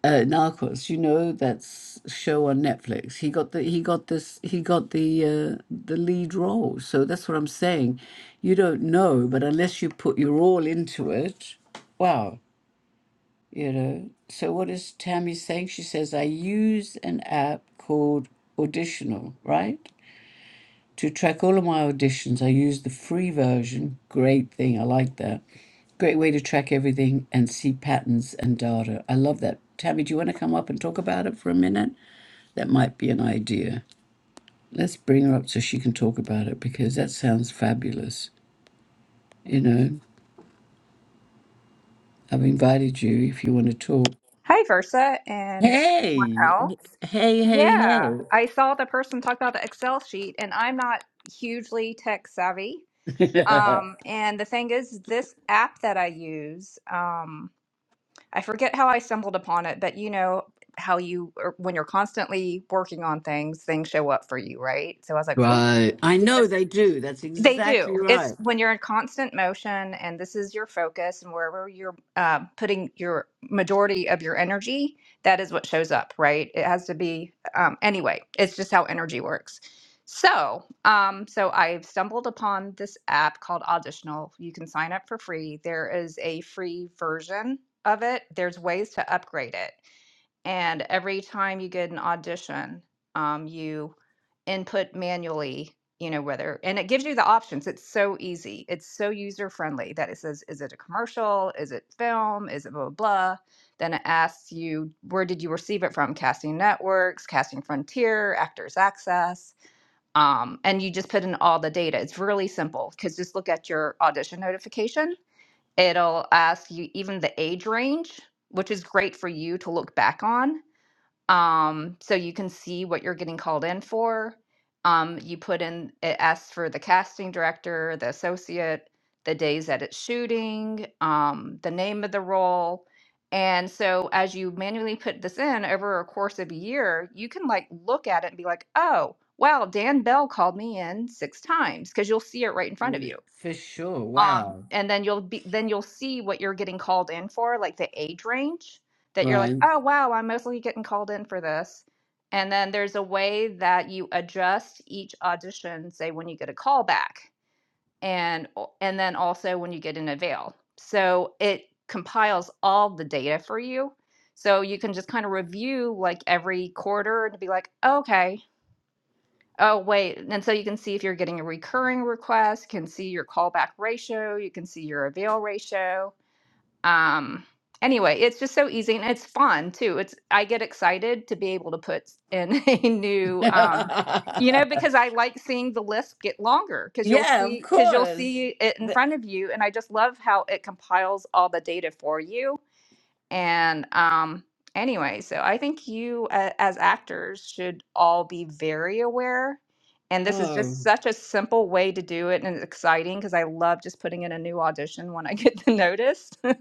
uh, Narcos. You know that's a show on Netflix. He got the he got this he got the uh, the lead role. So that's what I'm saying. You don't know, but unless you put your all into it, wow, you know. So what is Tammy saying? She says I use an app called Auditional, right? To track all of my auditions, I used the free version. Great thing. I like that. Great way to track everything and see patterns and data. I love that. Tammy, do you want to come up and talk about it for a minute? That might be an idea. Let's bring her up so she can talk about it because that sounds fabulous. You know, I've invited you if you want to talk. Hi, Versa, and everyone Hey, else. hey, Yeah, hey, I saw the person talk about the Excel sheet, and I'm not hugely tech savvy. hey. Um, and the thing is, this app that I use, um, I forget how I stumbled upon it, but you know how you, or when you're constantly working on things, things show up for you, right? So I was like, "Ooh, right. I know they do. That's they do. exactly It's right. when you're in constant motion and this is your focus and wherever you're uh, putting your majority of your energy, that is what shows up, right? It has to be, um, anyway, it's just how energy works. So, um, so I've stumbled upon this app called Auditional. You can sign up for free. There is a free version of it. There's ways to upgrade it. And every time you get an audition, um, you input manually, you know, whether, and it gives you the options. It's so easy. It's so user friendly that it says, is it a commercial? Is it film? Is it blah, blah, blah? Then it asks you, where did you receive it from? Casting Networks, Casting Frontier, Actors Access. Um, and you just put in all the data. It's really simple because just look at your audition notification. It'll ask you even the age range, which is great for you to look back on um, so you can see what you're getting called in for. Um, you put in, it asks for the casting director, the associate, the days that it's shooting, um, the name of the role. And so as you manually put this in over a course of a year, you can like look at it and be like, oh, wow, Dan Bell called me in six times because you'll see it right in front of you Mm, For sure. um Wow. and then you'll be then you'll see what you're getting called in for like the age range that you're like Right. oh wow i'm mostly getting called in for this and then there's a way that you adjust each audition say when you get a call back and and then also when you get an avail so it compiles all the data for you so you can just kind of review like every quarter and be like okay Oh, wait. And so you can see if you're getting a recurring request, can see your callback ratio, you can see your avail ratio. Um, anyway, it's just so easy and it's fun too. It's I get excited to be able to put in a new um, you yeah, know, because I like seeing the list get longer because you'll of see because you'll course. see it in The- front of you. And I just love how it compiles all the data for you and um, anyway, so I think you uh, as actors should all be very aware. And this is oh, just such a simple way to do it, and it's exciting because I love just putting in a new audition when I get the notice.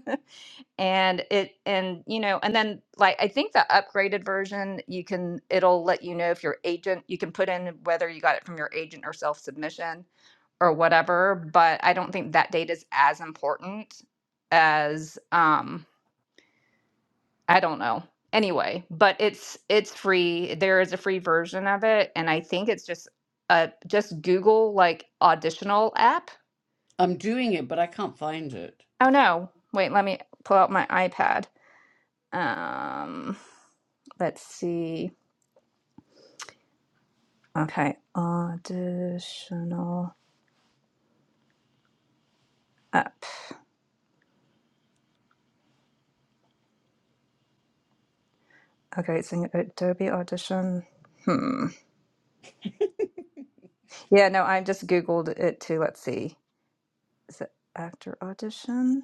and it, and you know, and then like I think the upgraded version, you can it'll let you know if your agent, you can put in whether you got it from your agent or self submission or whatever. But I don't think that data is as important as um I don't know. Anyway, but it's it's free. There is a free version of it, and I think it's just uh just Google like auditional app. I'm doing it, but I can't find it. Oh no. Wait, let me pull out my iPad. Um let's see. Okay, auditional app. Okay, it's in Adobe Audition. Hmm. Yeah, no, I just Googled it too. Let's see. Is it actor audition?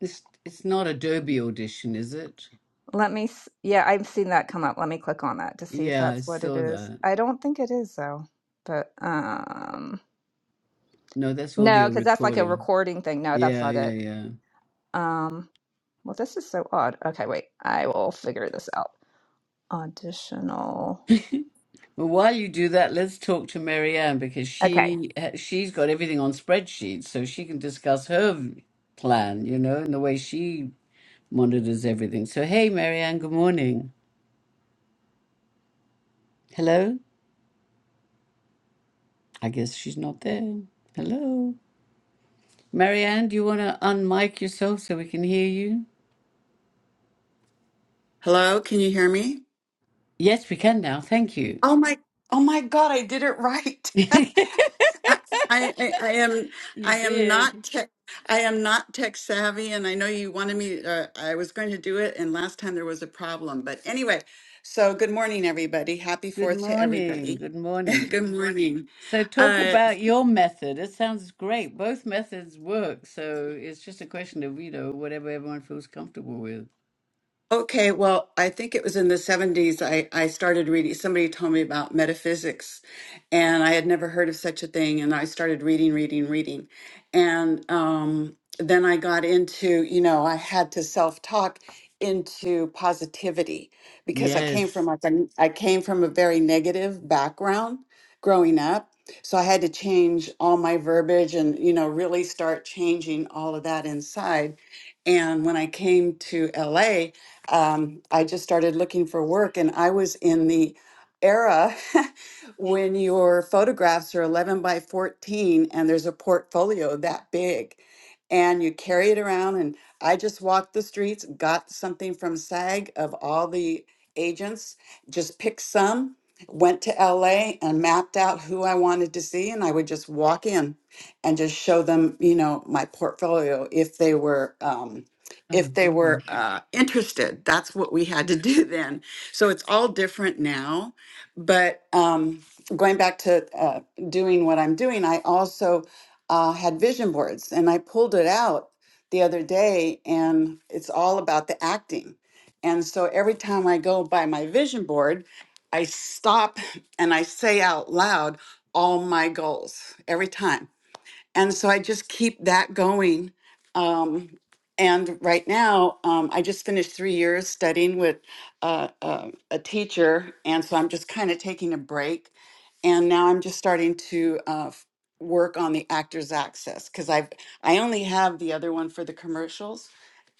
It's it's not a Derby audition, is it? Let me, s- yeah, I've seen that come up. Let me click on that to see if Yeah, I that's what it saw is. that. I don't think it is though. But um No, that's no, audio because that's like a recording. recording thing. No, that's Yeah, not yeah, it. yeah. Um well this is so odd. Okay, wait. I will figure this out. Auditional. Well, while you do that, let's talk to Marianne because Okay. she ha- she's got everything on spreadsheets, so she can discuss her v- plan, you know, and the way she monitors everything. So, hey, Marianne, good morning. Hello. I guess she's not there. Hello. Marianne, do you want to unmic yourself so we can hear you? Hello, can you hear me? Yes, we can now. Thank you. Oh my, oh my God, I did it right. you I, I, I, I am, I am not did. tech, I am not tech savvy, and I know you wanted me. Uh, I was going to do it, and last time there was a problem. But anyway, so good morning, everybody. Happy Good Fourth to morning. everybody. Good morning. Good morning. So, talk Uh, about your method. It sounds great. Both methods work. So, it's just a question of, you know, whatever everyone feels comfortable with. Okay, well, I think it was in the 70s I, I started reading. Somebody told me about metaphysics, and I had never heard of such a thing. And I started reading, reading, reading. And um, then I got into, you know, I had to self-talk into positivity because I came from Yes. like a, I came from a very negative background growing up. So I had to change all my verbiage and, you know, really start changing all of that inside. And when I came to LA, um, I just started looking for work, and I was in the era when your photographs are 11 by 14 and there's a portfolio that big and you carry it around and i just walked the streets got something from sag of all the agents just picked some went to la and mapped out who i wanted to see and i would just walk in and just show them you know my portfolio if they were um, Oh, if they good. were uh, interested. That's what we had to do then. So it's all different now. But um, going back to uh, doing what I'm doing, I also uh, had vision boards and I pulled it out the other day, and it's all about the acting. And so every time I go by my vision board, I stop and I say out loud all my goals every time and so I just keep that going. Um, and right now, um, I just finished three years studying with uh, uh, a teacher, and so I'm just kind of taking a break. And now I'm just starting to uh, f- work on the Actors Access because I've I only have the other one for the commercials,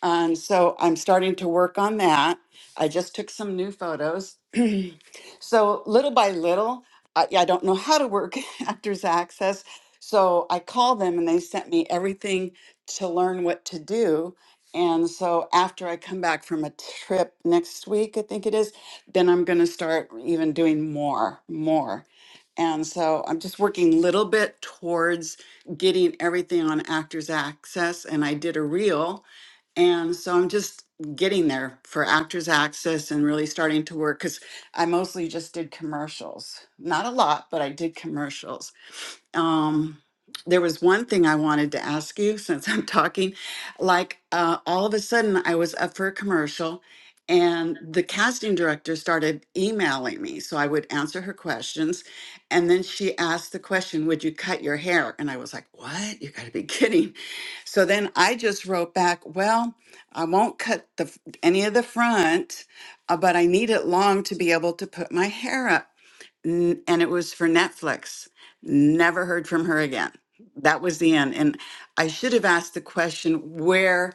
and so I'm starting to work on that. I just took some new photos. so little by little, I, yeah, I don't know how to work Actors Access. So I called them and they sent me everything to learn what to do. And so after I come back from a trip next week, I think it is, then I'm going to start even doing more, more. And so I'm just working little bit towards getting everything on Actors Access. And I did a reel and so I'm just getting there for Actors Access and really starting to work because I mostly just did commercials. Not a lot, but I did commercials. Um, there was one thing I wanted to ask you since I'm talking. Like, uh, all of a sudden, I was up for a commercial, and the casting director started emailing me. So I would answer her questions. And then she asked the question, Would you cut your hair? And I was like, What? You got to be kidding. So then I just wrote back, Well, I won't cut the, f- any of the front, uh, but I need it long to be able to put my hair up. N- And it was for Netflix. Never heard from her again. That was the end. And I should have asked the question, where,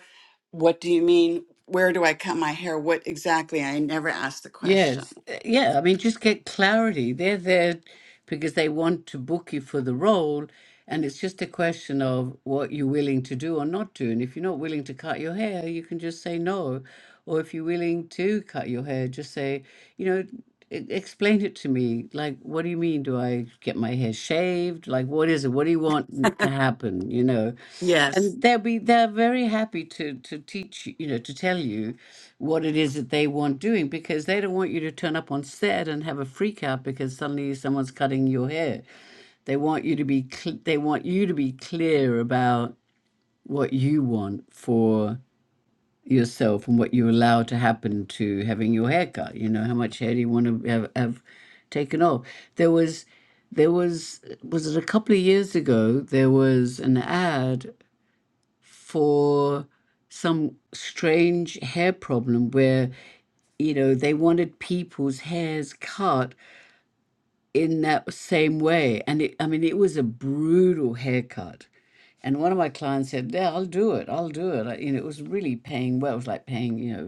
what do you mean? Where do I cut my hair? What exactly? I never asked the question. Yes. Uh, Yeah. I mean, just get clarity. They're there because they want to book you for the role. And it's just a question of what you're willing to do or not do. And if you're not willing to cut your hair, you can just say no. Or if you're willing to cut your hair, just say, you know, E- Explain it to me. Like, what do you mean? Do I get my hair shaved? Like, what is it? What do you want n- to happen? You know, Yes. and they'll be they're very happy to to teach you, you know, to tell you what it is that they want doing because they don't want you to turn up on set and have a freak out because suddenly someone's cutting your hair. They want you to be cl- they want you to be clear about what you want for yourself and what you allow to happen to having your hair cut. You know, how much hair do you want to have, have taken off? There was, there was, was it a couple of years ago? There was an ad for some strange hair problem where you know they wanted people's hairs cut in that same way and it, i mean it was a brutal haircut and one of my clients said yeah i'll do it i'll do it I, you know it was really paying well it was like paying you know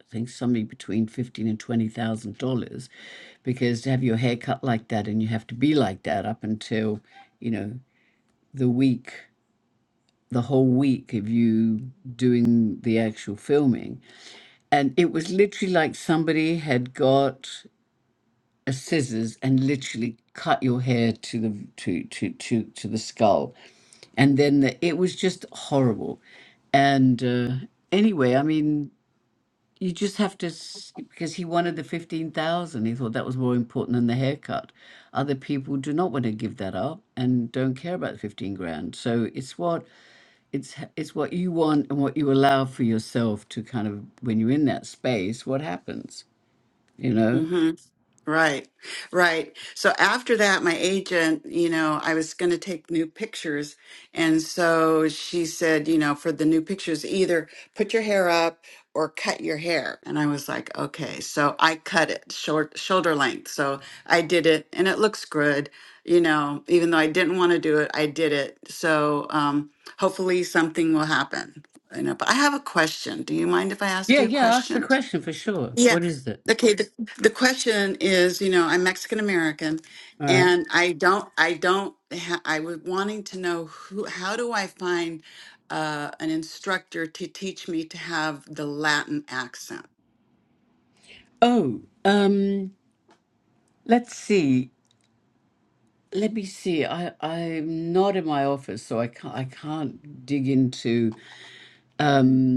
I think something between fifteen and twenty thousand dollars, because to have your hair cut like that and you have to be like that up until, you know, the week, the whole week of you doing the actual filming, and it was literally like somebody had got a scissors and literally cut your hair to the to to to to the skull and then the, it was just horrible and uh, anyway i mean You just have to, s- because he wanted the 15,000. He thought that was more important than the haircut. Other people do not want to give that up and don't care about the 15 grand. So it's what it's h- it's what you want and what you allow for yourself to kind of when you're in that space, what happens, you know? Mm-hmm. Right, right. So after that, my agent, you know, I was going to take new pictures. And so she said, you know, for the new pictures, either put your hair up or cut your hair. And I was like, okay. So I cut it short, shoulder length. So I did it and it looks good, you know, even though I didn't want to do it, I did it. So um, hopefully something will happen. You know, but I have a question. Do you mind if I ask Yeah, you a yeah, ask the question? question for sure. Yeah. What is it? Okay. The, the question is, you know, I'm Mexican American, All right. and I don't, I don't, ha- I was wanting to know who, how do I find uh, an instructor to teach me to have the Latin accent? Oh, um, let's see. Let me see. I I'm not in my office, so I can't I can't dig into. um,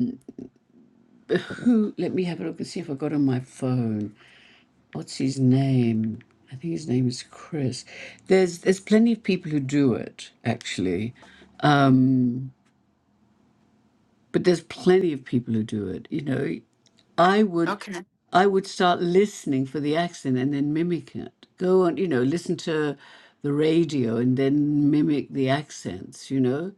Who? Let me have a look and see if I got on my phone. What's his name? I think his name is Chris. There's there's plenty of people who do it actually. Um, but there's plenty of people who do it. You know, I would Okay. I would start listening for the accent and then mimic it. Go on, you know, listen to the radio and then mimic the accents. You know,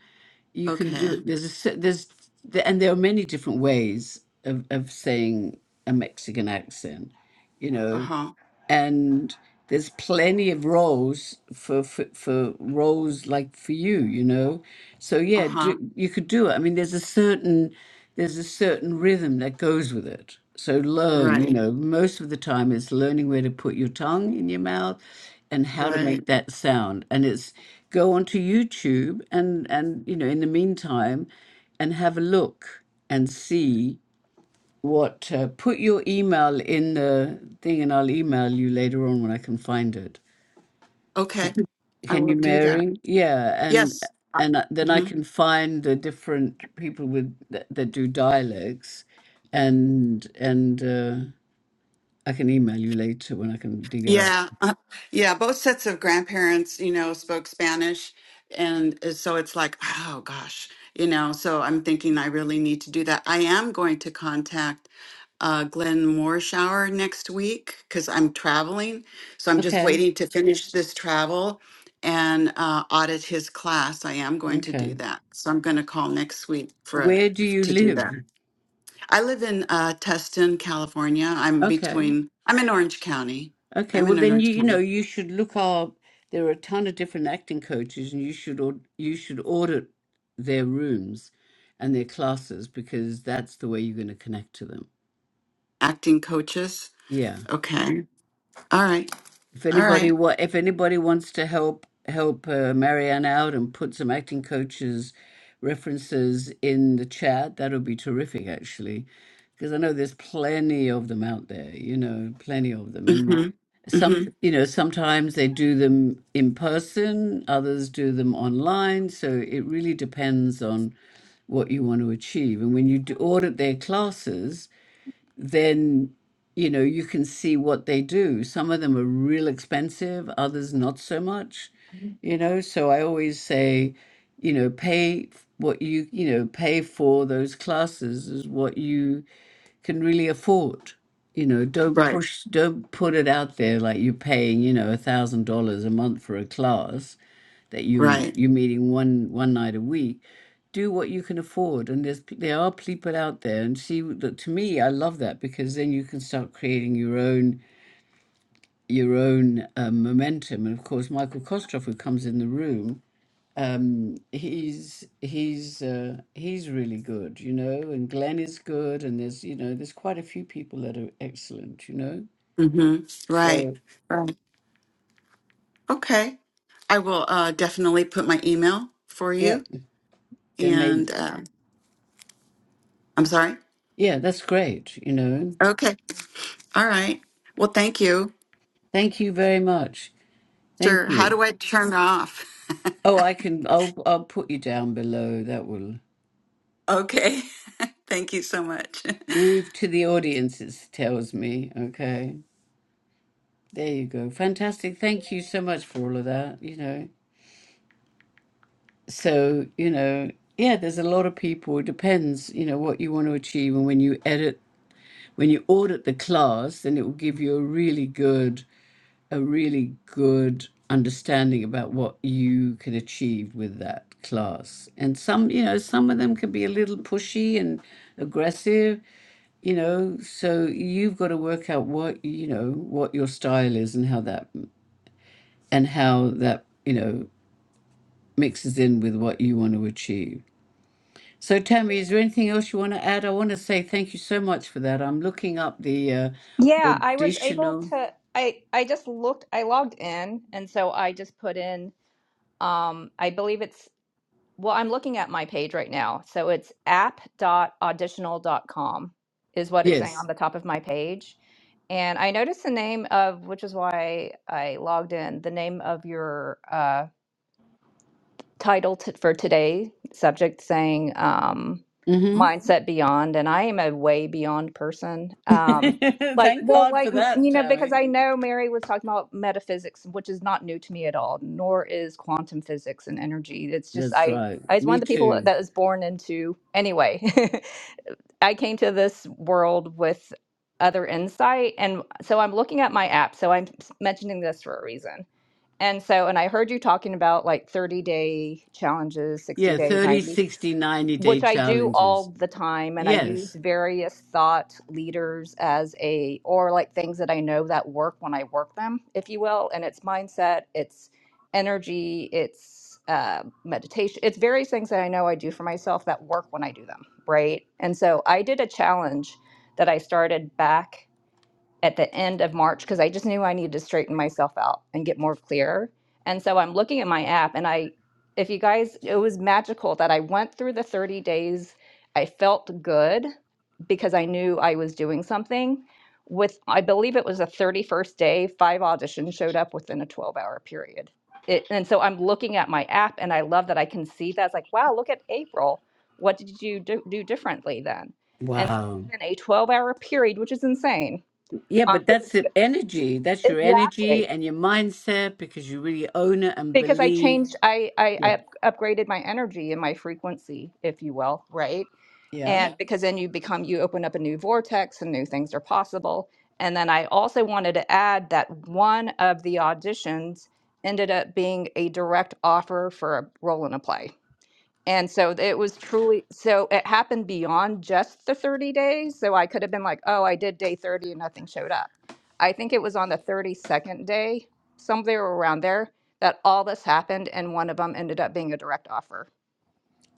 you can do Okay. it. There's a se- there's the- and there are many different ways of of saying a Mexican accent. You Uh know huh. and there's plenty of rows for, for for roles like for you you know so Uh yeah do, huh. you could do it i mean there's a certain there's a certain rhythm that goes with it so learn you Right. know most of the time it's learning where to put your tongue in your mouth and how to make Right. that sound and it's go onto youtube and and you know in the meantime and have a look and see what uh, put your email in the thing and I'll email you later on when I can find it. Can, Okay. I can will you, do that. Mary? Yeah, and Yes. and I- then Mm-hmm. I can find the different people with that, that do dialects, and and uh, I can email you later when I can dig it up. Yeah, uh, yeah, both sets of grandparents, you know, spoke Spanish. And uh, so it's like, oh gosh, you know, so I'm thinking I really need to do that. I am going to contact uh, Glenn Morshower next week because I'm traveling. So I'm just Okay, waiting to finish this travel and uh, audit his class. I am going to do okay. that. So I'm going to call next week for a, Where do you to do live? that. I live in uh, Tustin, California. I'm Okay. between, I'm in Orange County. Okay, I'm well in then you Orange you County. know you should look up. There are a ton of different acting coaches, and you should au- you should audit their rooms and their classes because that's the way you're going to connect to them. acting coaches. Yeah. Okay. All right. If All anybody right. wa- if anybody wants to help help uh, Marianne out and put some acting coaches references in the chat, that would be terrific actually, because I know there's plenty of them out there. You know, plenty of them, and Mhm. some Mhm. you know sometimes they do them in person, others do them online. So it really depends on what you want to achieve, and when you do audit their classes then you know you can see what they do. Some of them are real expensive, others not so much, you know. So I always say, you know, pay f- what you you know pay for those classes is what you can really afford. You know, don't Right. push, don't put it out there like you're paying, you know, a thousand dollars a month for a class that you Right. you're meeting one one night a week do what you can afford and there's p- there are people out there and see that to me i love that because then you can start creating your own your own um, momentum and of course michael kostroff who comes in the room um he's he's uh he's really good you know and glenn is good and there's you know there's quite a few people that are excellent you know Mhm. Right. so Right. Okay. I will uh definitely put my email for yeah you then maybe and uh I'm sorry. yeah that's great you know Okay. All right. Well, thank you. thank you very much thank Sure. How you do I turn off? Oh, I can. I'll I'll put you down below. That will Okay. thank you so much. move to the audience. It tells me. Okay, there you go. Fantastic. Thank you so much for all of that. You know. So you know, yeah. There's a lot of people. It depends. You know what you want to achieve, and when you edit, when you audit the class, then it will give you a really good a really good understanding about what you can achieve with that class. And some, you know, some of them can be a little pushy and aggressive, you know, so you've got to work out what, you know, what your style is and how that and how that, you know, mixes in with what you want to achieve. So Tammy, is there anything else you want to add? I want to say thank you so much for that. I'm looking up the uh, Yeah, I was able auditional. to I I just looked I logged in and so I just put in um I believe it's Well, I'm looking at my page right now. So it's app. dot Auditional. dot Com is what it's saying on Yes. the top of my page. And I noticed the name of, which is why I logged in, the name of your uh, title t- for today subject saying um Mm-hmm. mindset beyond and i am a way beyond person um like Thank well God like for m- that, you know because Tammy. i know mary was talking about metaphysics which is not new to me at all nor is quantum physics and energy it's just That's i right. i was one Me of the people too. that was born into anyway i came to this world with other insight and so i'm looking at my app so i'm mentioning this for a reason and so, and I heard you talking about like 30 day challenges, 60 Yeah, day, thirty, 90, sixty, ninety day which I do challenges. all the time. And I use Yes. various thought leaders as a, or like things that I know that work when I work them, if you will. And it's mindset, it's energy, it's uh, meditation, it's various things that I know I do for myself that work when I do them. Right. And so I did a challenge that I started back at the end of March because I just knew I needed to straighten myself out and get more clear. And so I'm looking at my app and I if you guys it was magical that I went through the 30 days. I felt good because I knew I was doing something. With I believe it was the 31st day, five auditions showed up within a 12-hour period. It, and so I'm looking at my app and I love that I can see that. It's like, wow, look at April. What did you do, do differently then? And so Wow. within a 12-hour period, which is insane, Yeah, um, but 'cause that's the energy. That's your energy exactly. and your mindset because you really own it and Because I believe. changed, I, I, I Yeah. up- upgraded my energy and my frequency, if you will, right? Yeah. And Yeah. because then you become, you open up a new vortex and new things are possible. And then I also wanted to add that one of the auditions ended up being a direct offer for a role in a play. And so it was truly, so it happened beyond just the 30 days. So I could have been like, oh, I did day 30 and nothing showed up. I think it was on the 32nd day, somewhere around there, that all this happened. And one of them ended up being a direct offer.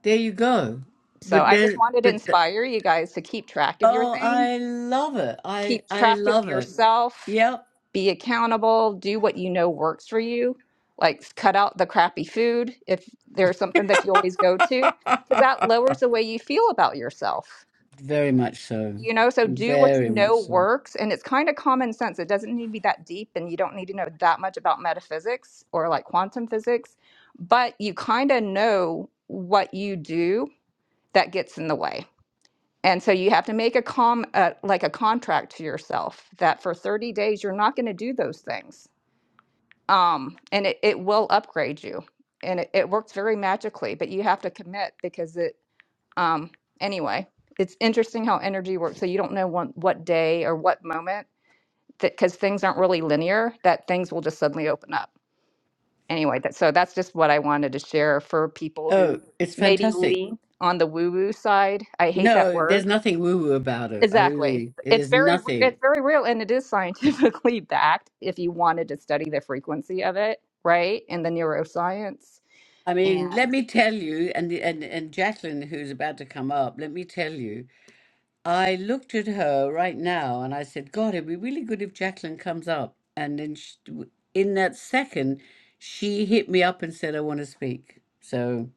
There you go. So But I just there, wanted to but the, inspire you guys to keep track of your oh, things, I love it. I keep I track of love it. yourself Yep. be accountable, do what you know works for you, like cut out the crappy food if there's something that you always go to, because that lowers the way you feel about yourself. Very much so. You know, so do what you Very much know so. works, and it's kind of common sense. It doesn't need to be that deep, and you don't need to know that much about metaphysics or like quantum physics, but you kind of know what you do that gets in the way. And so you have to make a com uh, like a contract to yourself that for 30 days you're not going to do those things um, and it, it will upgrade you and it, it works very magically but you have to commit because it um, anyway it's interesting how energy works so you don't know one, what day or what moment because things aren't really linear that things will just suddenly open up anyway that, so that's just what i wanted to share for people Oh, who it's maybe fantastic. lean on the woo woo side i hate that No, word there's nothing woo-woo about it. I Exactly. really, it It's is very nothing. it's very real and it is scientifically backed if you wanted to study the frequency of it, right? In the neuroscience. I mean, let And me tell you, and and and Jacqueline, who's about to come up, let me tell you, I looked at her right now and I said, God, it'd be really good if Jacqueline comes up. And then sh in that second, she hit me up and said, I want to speak. So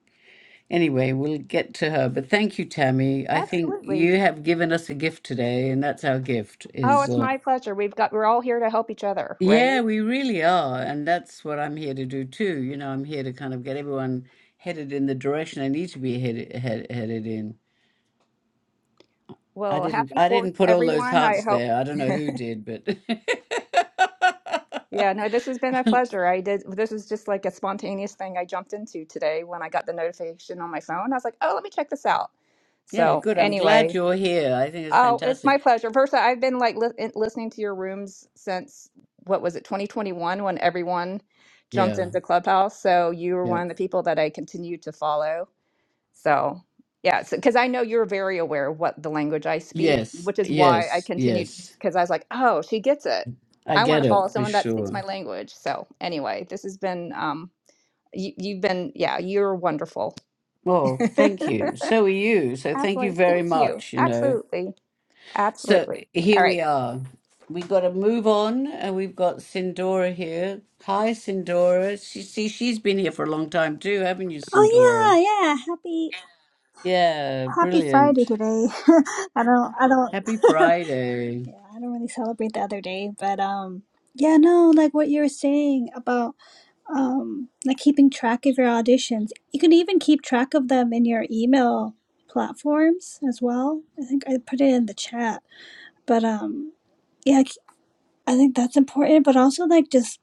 anyway, we'll get to her. But thank you, Tammy. I think absolutely. you have given us a gift today, and that's our gift Oh, is. it's uh, my pleasure. We've got we're all here to help each other, right? Yeah, we really are. And that's what I'm here to do too. You know, I'm here to kind of get everyone headed in the direction they need to be headed head, headed in. I Well, didn't happy I fourth, didn't put all those everyone. I hearts hope there. I don't know who did, but yeah, no, this has been a pleasure. I did this was just like a spontaneous thing I jumped into today when I got the notification on my phone. I was like, oh let me check this out. Yeah, So good. I'm anyway, glad you're here. I think it's Oh, it's fantastic. my pleasure. 1st I've been like li in- listening to your rooms since what was it, 2021, when everyone jumped Yeah. into Clubhouse. So you were Yeah. one of the people that I continue to follow. So yeah, so, because I know you're very aware of what the language I speak, Yes. which is why I Yes. continued Yes. because I was like, oh, she gets it. I I want get to it follow for someone that speaks sure. my language. So anyway, this has been um, you, you've been yeah, you're wonderful. Well, thank you. So are you. So thank you Absolutely, very thank you. much, you know. Absolutely, So absolutely. here All right. we are. We got to move on, and we've got Sindora here. Hi, Sindora. She, see, she's been here for a long time too, haven't you, Sindora? Oh yeah, yeah. Happy Yeah, Happy Friday brilliant. today. I don't I don't Happy Friday. yeah, I don't really celebrate the other day, but um yeah, no, like what you were saying about um like keeping track of your auditions. You can even keep track of them in your email platforms as well. I think I put it in the chat. But um yeah, I think that's important, but also like just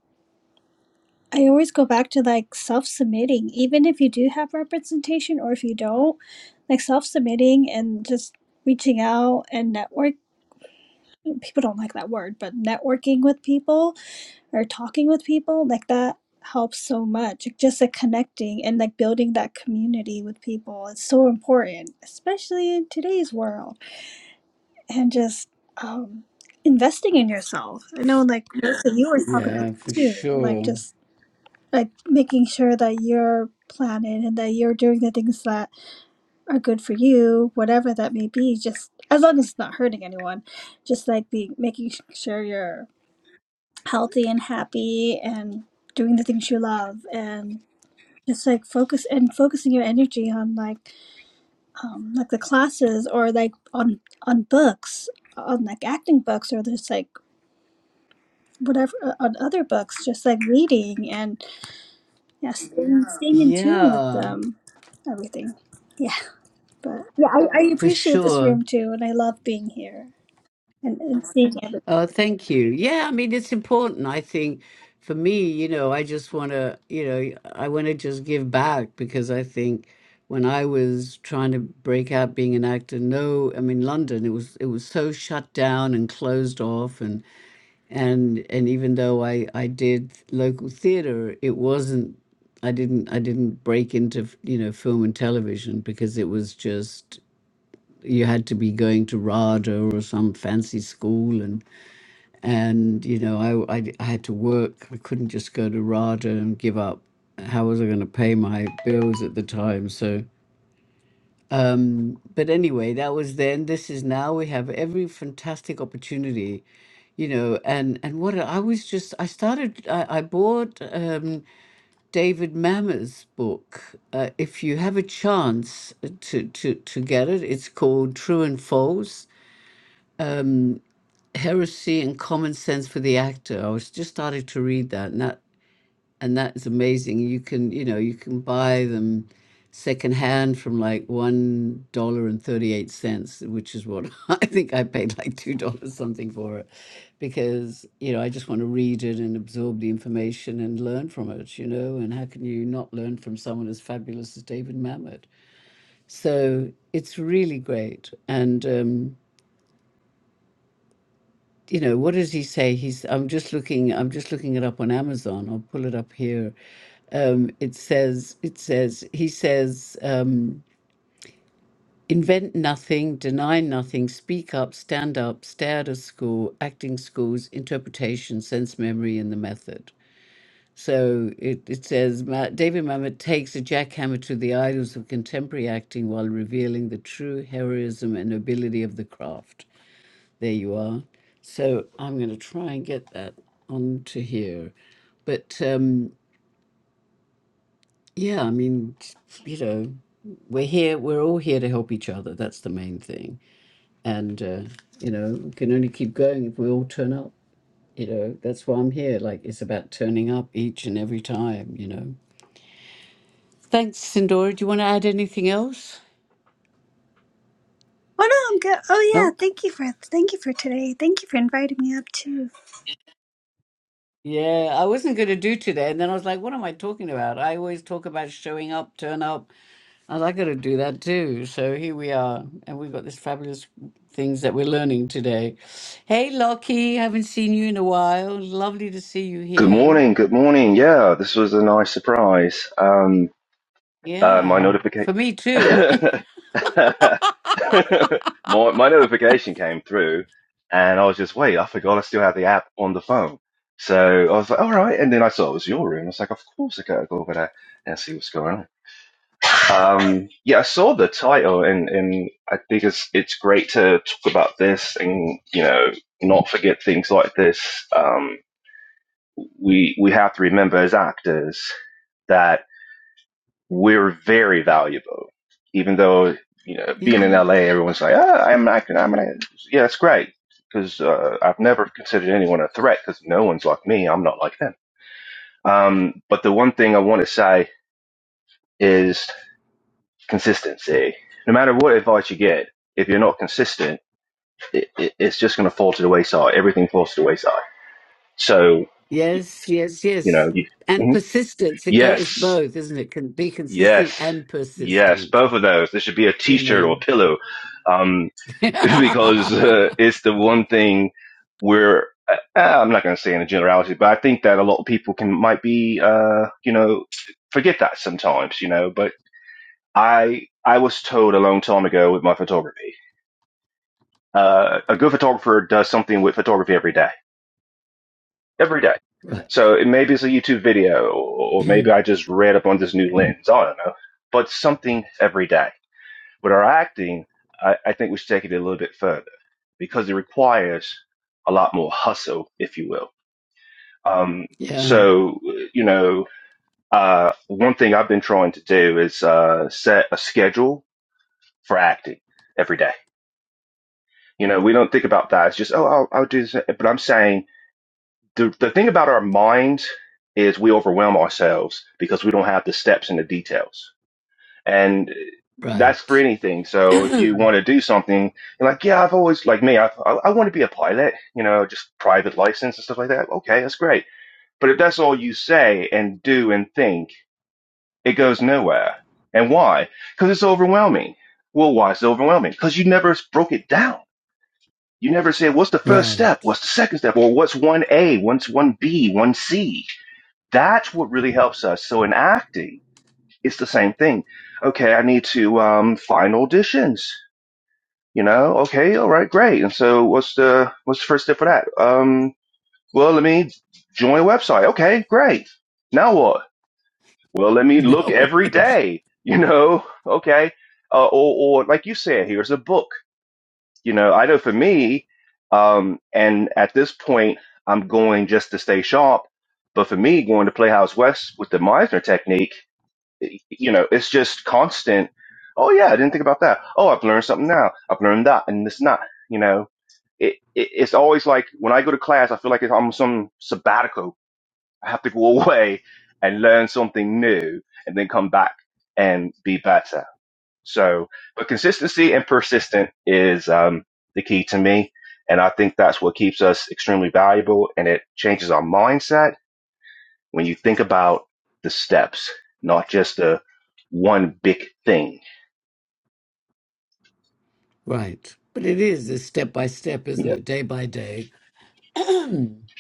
I always go back to like self submitting, even if you do have representation or if you don't, like self submitting and just reaching out and network. People don't like that word, but networking with people or talking with people like that helps so much. Like, Just like connecting and like building that community with people is so important, especially in today's world. And just um, investing in yourself. I know, like Melissa, you always talk about Yeah, for that too. Like sure. just like making sure that you're planning and that you're doing the things that are good for you, whatever that may be, just as long as it's not hurting anyone, just like being making sure you're healthy and happy and doing the things you love and just like focus and focusing your energy on like um like the classes or like on on books on like acting books or just like whatever uh, on other books just like reading and Yes, and staying in tune with Yeah, um, everything. Yeah, but yeah, I, I for appreciate this sure. room too, and I love being here and, and seeing everything. Oh, thank you. Yeah, I mean, it's important. I think for me, you know, I just want to, you know, I want to just give back because I think when I was trying to break out being an actor, no, I mean, London, it was it was so shut down and closed off, and and and even though I I did local theatre, it wasn't. I didn't I didn't break into you know film and television because it was just you had to be going to RADA or some fancy school and and you know I, I I had to work. I couldn't just go to RADA and give up. How was I going to pay my bills at the time? So, um, but anyway, that was then. This is now. We have every fantastic opportunity, you know. And and what I was just I started. I, I bought um, David Mamet's book. Uh, if you have a chance to to to get it, it's called True and False heresy and common sense for the actor. I was just started to read that, and that and that's amazing. You can, you know, you can buy them secondhand from like one dollar and thirty-eight cents, which is what I think I paid like two dollars something for it, because you know I just want to read it and absorb the information and learn from it. You know, and how can you not learn from someone as fabulous as David Mamet? So it's really great, and. Um, you know, what does he say? He's I'm just looking I'm just looking it up on Amazon. I'll pull it up here. Um, it says it says he says um, invent nothing, deny nothing, speak up, stand up, stay out of school, acting schools, interpretation, sense memory, and the method. So it, it says Ma- David Mamet takes a jackhammer to the idols of contemporary acting while revealing the true heroism and nobility of the craft. There you are. So I'm going to try and get that onto here. But um, yeah, I mean, you know, we're here, we're all here to help each other. That's the main thing. And, uh, you know, we can only keep going if we all turn up. You know, that's why I'm here. Like, it's about turning up each and every time, you know. Thanks, Sindora. Do you want to add anything else? Oh no, I'm good. Oh yeah, Nope. thank you for thank you for today. Thank you for inviting me up too. Yeah, I wasn't going to do today. And then I was like, what am I talking about? I always talk about showing up, turn up, And I got to do that too. So here we are, and we've got this fabulous things that we're learning today. Hey, Lockie, haven't seen you in a while. Lovely to see you Good here. morning, good morning. Yeah, this was a nice surprise. Um, uh, my Yeah, notification, for me too. my, my notification came through, and I was just, wait, I forgot I still had the app on the phone. So I was like, all right. And then I saw it was your room. I was like, of course, I gotta go over there and see what's going on. Um, yeah, I saw the title, and and I think it's it's great to talk about this, and you know, not forget things like this. Um we we have to remember as actors that we're very valuable, even though you know yeah. being in LA, everyone's like, ah, I'm an actor, I'm an actor. Yeah, it's great because uh, I've never considered anyone a threat because no one's like me. I'm not like them. Um, but the one thing I want to say is consistency. No matter what advice you get, if you're not consistent, it, it, it's just going to fall to the wayside. Everything falls to the wayside. So Yes, yes, you yes. know, you, And Mhm. persistence. It go. It's yes, both, isn't it? Can be consistent Yes, and yes, persistent. both of those. There should be a You T-shirt or know. a pillow, um, because uh, it's the one thing where uh, I'm not going to say in a generality, but I think that a lot of people can might be, uh, you know, forget that sometimes, you know. But I I was told a long time ago with my photography, uh, a good photographer does something with photography every day, every day. right. So it, maybe it's a YouTube video, or or maybe I just read up on this new lens. I don't know, but something every day But our acting, I, I think we should take it a little bit further because it requires a lot more hustle, if you will. Um, yeah. so, you know, uh, one thing I've been trying to do is uh, set a schedule for acting every day. You know, we don't think about that. It's just, oh, I'll, I'll do this. But I'm saying the, the thing about our minds is we overwhelm ourselves because we don't have the steps and the details and that's for Right. anything. So if you want to do something, you're like, yeah, I've always like me, I've, I I want to be a pilot, you know, just private license and stuff like that. Okay, that's great. But if that's all you say and do and think, it goes nowhere. And why? Because it's overwhelming. Well, why is it overwhelming? Because you never broke it down. You never said, what's the first step? right. What's the second step? Or what's 1A? What's 1B? 1C? That's what really helps us. So in acting, it's the same thing. Okay, I need to um, find auditions. You know, okay, all right, great. And so, what's the what's the first step for that? Um, well, let me join a website. Okay, great. Now what? Well, let me Now look every what? day. You know, okay. Uh, or, or like you said, here's a book. You know, I know for me, um, and at this point, I'm going just to stay sharp. But for me, going to Playhouse West with the Meisner technique you know, it's just constant. Oh yeah, I didn't think about that. Oh, I've learned something now. I've learned that and it's not, you know, it, it it's always like when I go to class, I feel like it's almost some sabbatical. I have to go away and learn something new and then come back and be better. So, but consistency and persistent is, um, the key to me. And I think that's what keeps us extremely valuable and it changes our mindset when you think about the steps, not just the one big thing. Right. But it is it's step by step, isn't Yeah. it? Day by day. you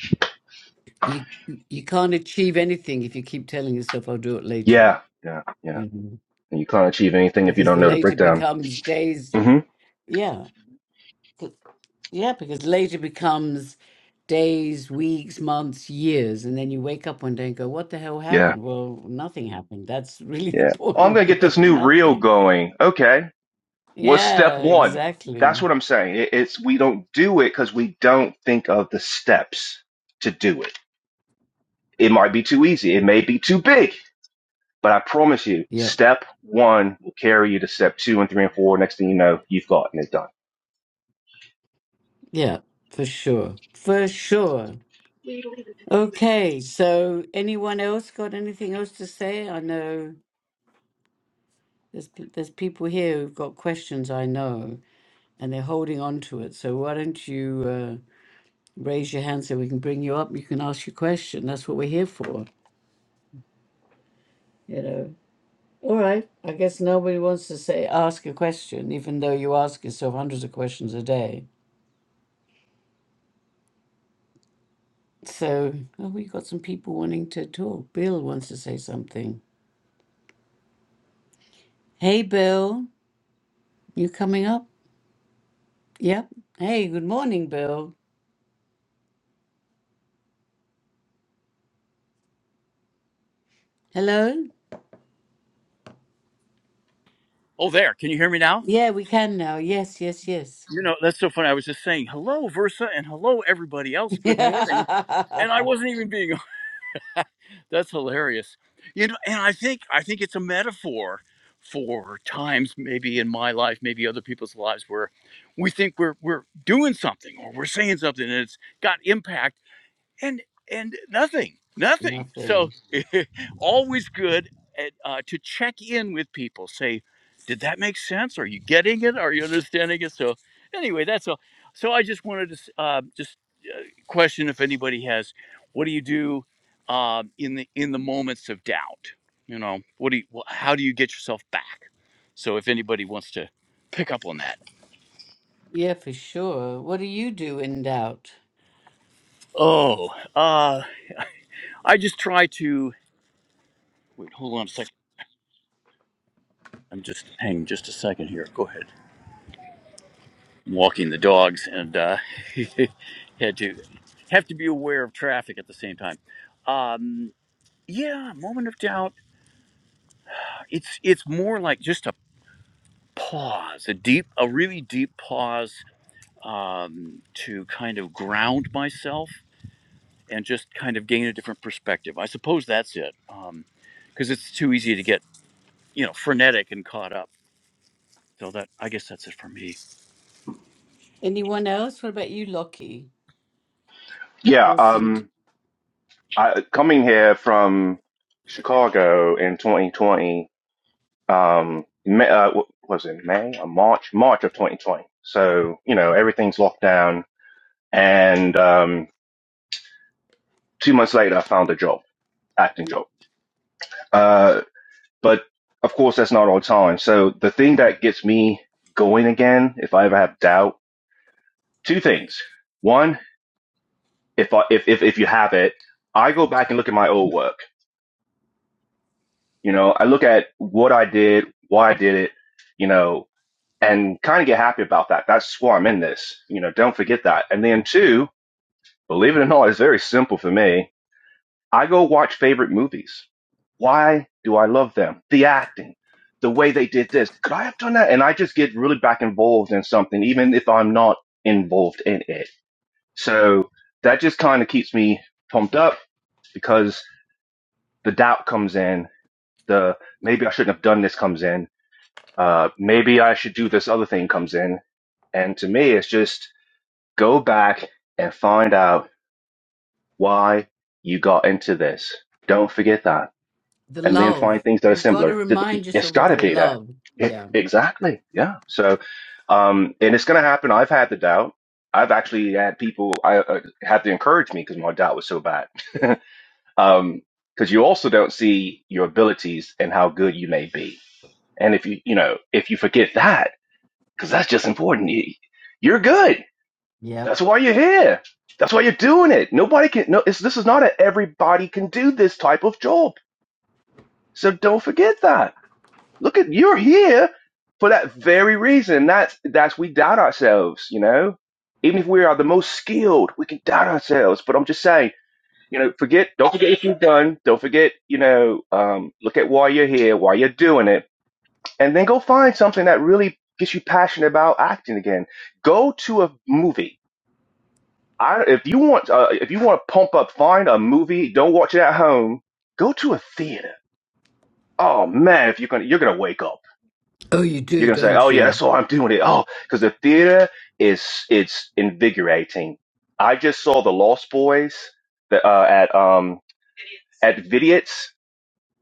you can't achieve anything if you keep telling yourself I'll do it later, Yeah. Yeah. Yeah. you know. And you can't achieve anything if you Because don't the know the later breakdown. becomes days hmm yeah. Yeah, because later becomes days, weeks, months, years, and then you wake up one day and go, What the hell Yeah. happened? Well, nothing happened. That's really the Yeah. Oh, I'm point, going to you get this know, new reel nothing. going. Okay. What's step Yeah, one? That's exactly. what I'm saying. It, it's we don't do it because we don't think of the steps to do it. It might be too easy. It may be too big. But I promise you, Yep. step one will carry you to step two and three and four. Next thing you know, you've gotten it done. Yeah, for sure. For sure. Okay, so anyone else got anything else to say? I know there's p- there's people here who've got questions I know, and they're holding on to it. So why don't you uh, raise your hand so we can bring you up? You can ask your question. That's what we're here for, you know. All right, I guess nobody wants to say ask a question, even though you ask yourself hundreds of questions a day. So oh, we got some people wanting to talk. Bill wants to say something. Hey, Bill, you coming up? Yep. Hey, good morning, Bill. Hello? Oh, there. Can you hear me now? Yeah, we can now. Yes, yes, yes. You know, that's so funny. I was just saying hello, Versa, and hello, everybody else. Good morning. And I wasn't even being that's hilarious. You know, and I think I think it's a metaphor for times maybe in my life, maybe other people's lives where we think we're we're doing something or we're saying something and it's got impact and and nothing nothing so Nothing. always good at, uh, to check in with people say did that make sense are you getting it are you understanding it so anyway that's all so i just wanted to s- uh, just question if anybody has what do you do uh, in the in the moments of doubt you know what do you wh- how do you get yourself back so if anybody wants to pick up on that Yeah, for sure. What do you do in doubt? oh uh i just try to wait hold on a second I'm just hang just a second here. Go ahead. I'm walking the dogs and uh, had to have to be aware of traffic at the same time. Um, yeah, moment of doubt. It's it's more like just a pause, a deep, a really deep pause um, to kind of ground myself and just kind of gain a different perspective. I suppose that's it, because it's too easy to get you know frenetic and caught up. So that I guess that's it for me. Anyone else? What about you, Lockie? Yeah. Or Sint? Um, I coming here from Chicago in 2020. Um, May, uh, what was it May or March? March of 2020. So you know everything's locked down, and um, two months later I found a job, acting job. Uh, but of course that's not all the time. So the thing that gets me going again, if I ever have doubt, two things. One, if I if if, if you have it, I go back and look at my old work. You know, I look at what I did, why I did it you know, and kind of get happy about that. That's why I'm in this. You know, don't forget that. And then two, believe it or not, it's very simple for me. I go watch favorite movies. Why do I love them? The acting, the way they did this. Could I have done that? And I just get really back involved in something, even if I'm not involved in it. So that just kind of keeps me pumped up because the doubt comes in. The maybe I shouldn't have done this comes in. Uh, maybe I should do this other thing comes in. And to me, it's just Go back and find out why you got into this. Don't forget that. The And then find love. things that are You've got to similar. to remind It's yourself got of to the be that. love. It, Yeah. exactly. Yeah. So, um, and it's going to happen. I've had the doubt. I've actually had people I uh, had to encourage me because my doubt was so bad. um, because you also don't see your abilities and how good you may be. And if you, you know, if you forget that, because that's just important, you, you're good. Yep. That's why you're here. That's why you're doing it. Nobody can. No, it's, this is not a everybody can do this type of job. So don't forget that. Look at you're here for that very reason. That's that's we doubt ourselves. You know, even if we are the most skilled, we can doubt ourselves. But I'm just saying, you know, forget. Don't forget if you've done. Don't forget. You know, um, look at why you're here, why you're doing it, and then go find something that really gets you passionate about acting again. Go to a movie I if you want uh, if you want to pump up, find a movie. Don't watch it at home. Go to a theater. Oh man, if you're gonna you're gonna wake up. Oh, you You're do, gonna say, don't oh yeah, you? that's why I'm doing it. Oh, because the theater is it's invigorating. I just saw The Lost Boys the, uh, at um at Vidiot's.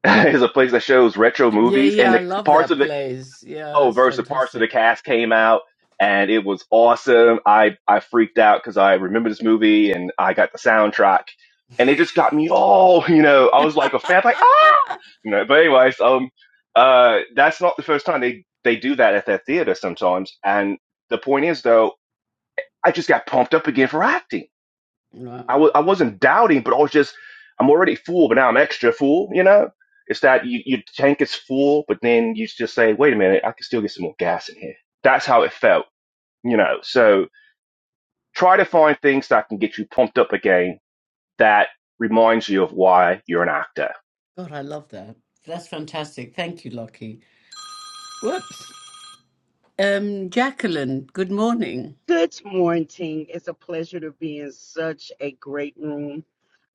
is a place that shows retro Yeah, movies yeah. and I the love parts that of the. place. Yeah, Oh, it's versus parts of the fantastic. cast came out and it was awesome. I I freaked out because I remember this movie and I got the soundtrack and it just got me all you know. I was like a fan, like ah, you know. But anyways, um, uh, that's not the first time they they do that at that theater sometimes. And the point is though, I just got pumped up again for acting Wow. I was I wasn't doubting, but I was just I'm already full, but now I'm extra full. You know, it's that you your tank is full, but then you just say, wait a minute, I can still get some more gas in here. That's how it felt. You know, so try to find things that can get you pumped up again. That reminds you of why you're an actor. God, I love that. That's fantastic. Thank you, Lockie. Whoops. Um, Jacqueline, good morning. Good morning. It's a pleasure to be in such a great room.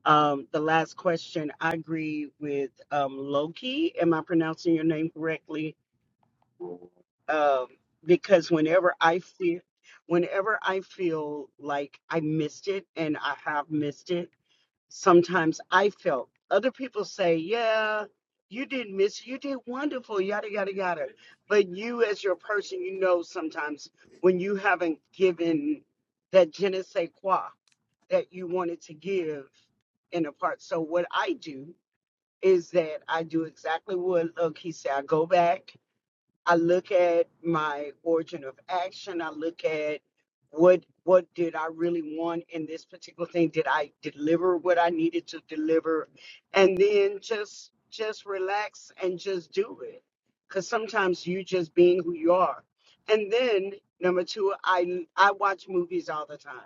Um, the last question, I agree with um, Loki. Am I pronouncing your name correctly? Um, because whenever I feel, whenever I feel like I missed it, and I have missed it, sometimes I felt. Other people say, yeah, you did miss, you did wonderful, yada, yada, yada. But you, as your person, you know sometimes when you haven't given that je ne sais quoi that you wanted to give in a part. So, what I do is that I do exactly what Look, he said. I go back I look at my origin of action. I look at what what did I really want in this particular thing? Did I deliver what I needed to deliver? And then just just relax and just do it. Cause sometimes you just being who you are. And then number two, I I watch movies all the time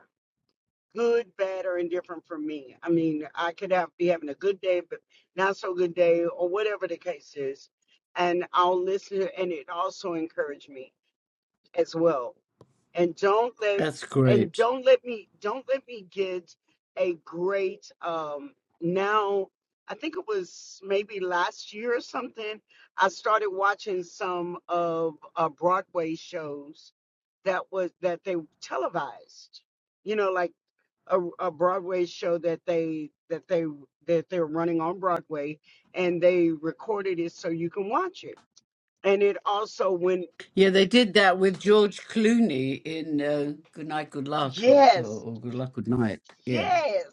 good, bad, or indifferent for me. I mean, I could have be having a good day, but not so good day, or whatever the case is. And I'll listen, and it also encouraged me as well. And don't let That's and great. don't let me don't let me get a great um now. I think it was maybe last year or something. I started watching some of uh, Broadway shows that was that they televised. You know, like a, a Broadway show that they that they that they're running on Broadway, and they recorded it so you can watch it. And it also when Yeah, they did that with George Clooney in uh, Good Night, Good Luck, or, or yes, Good Luck, Good Night. Yeah. yes.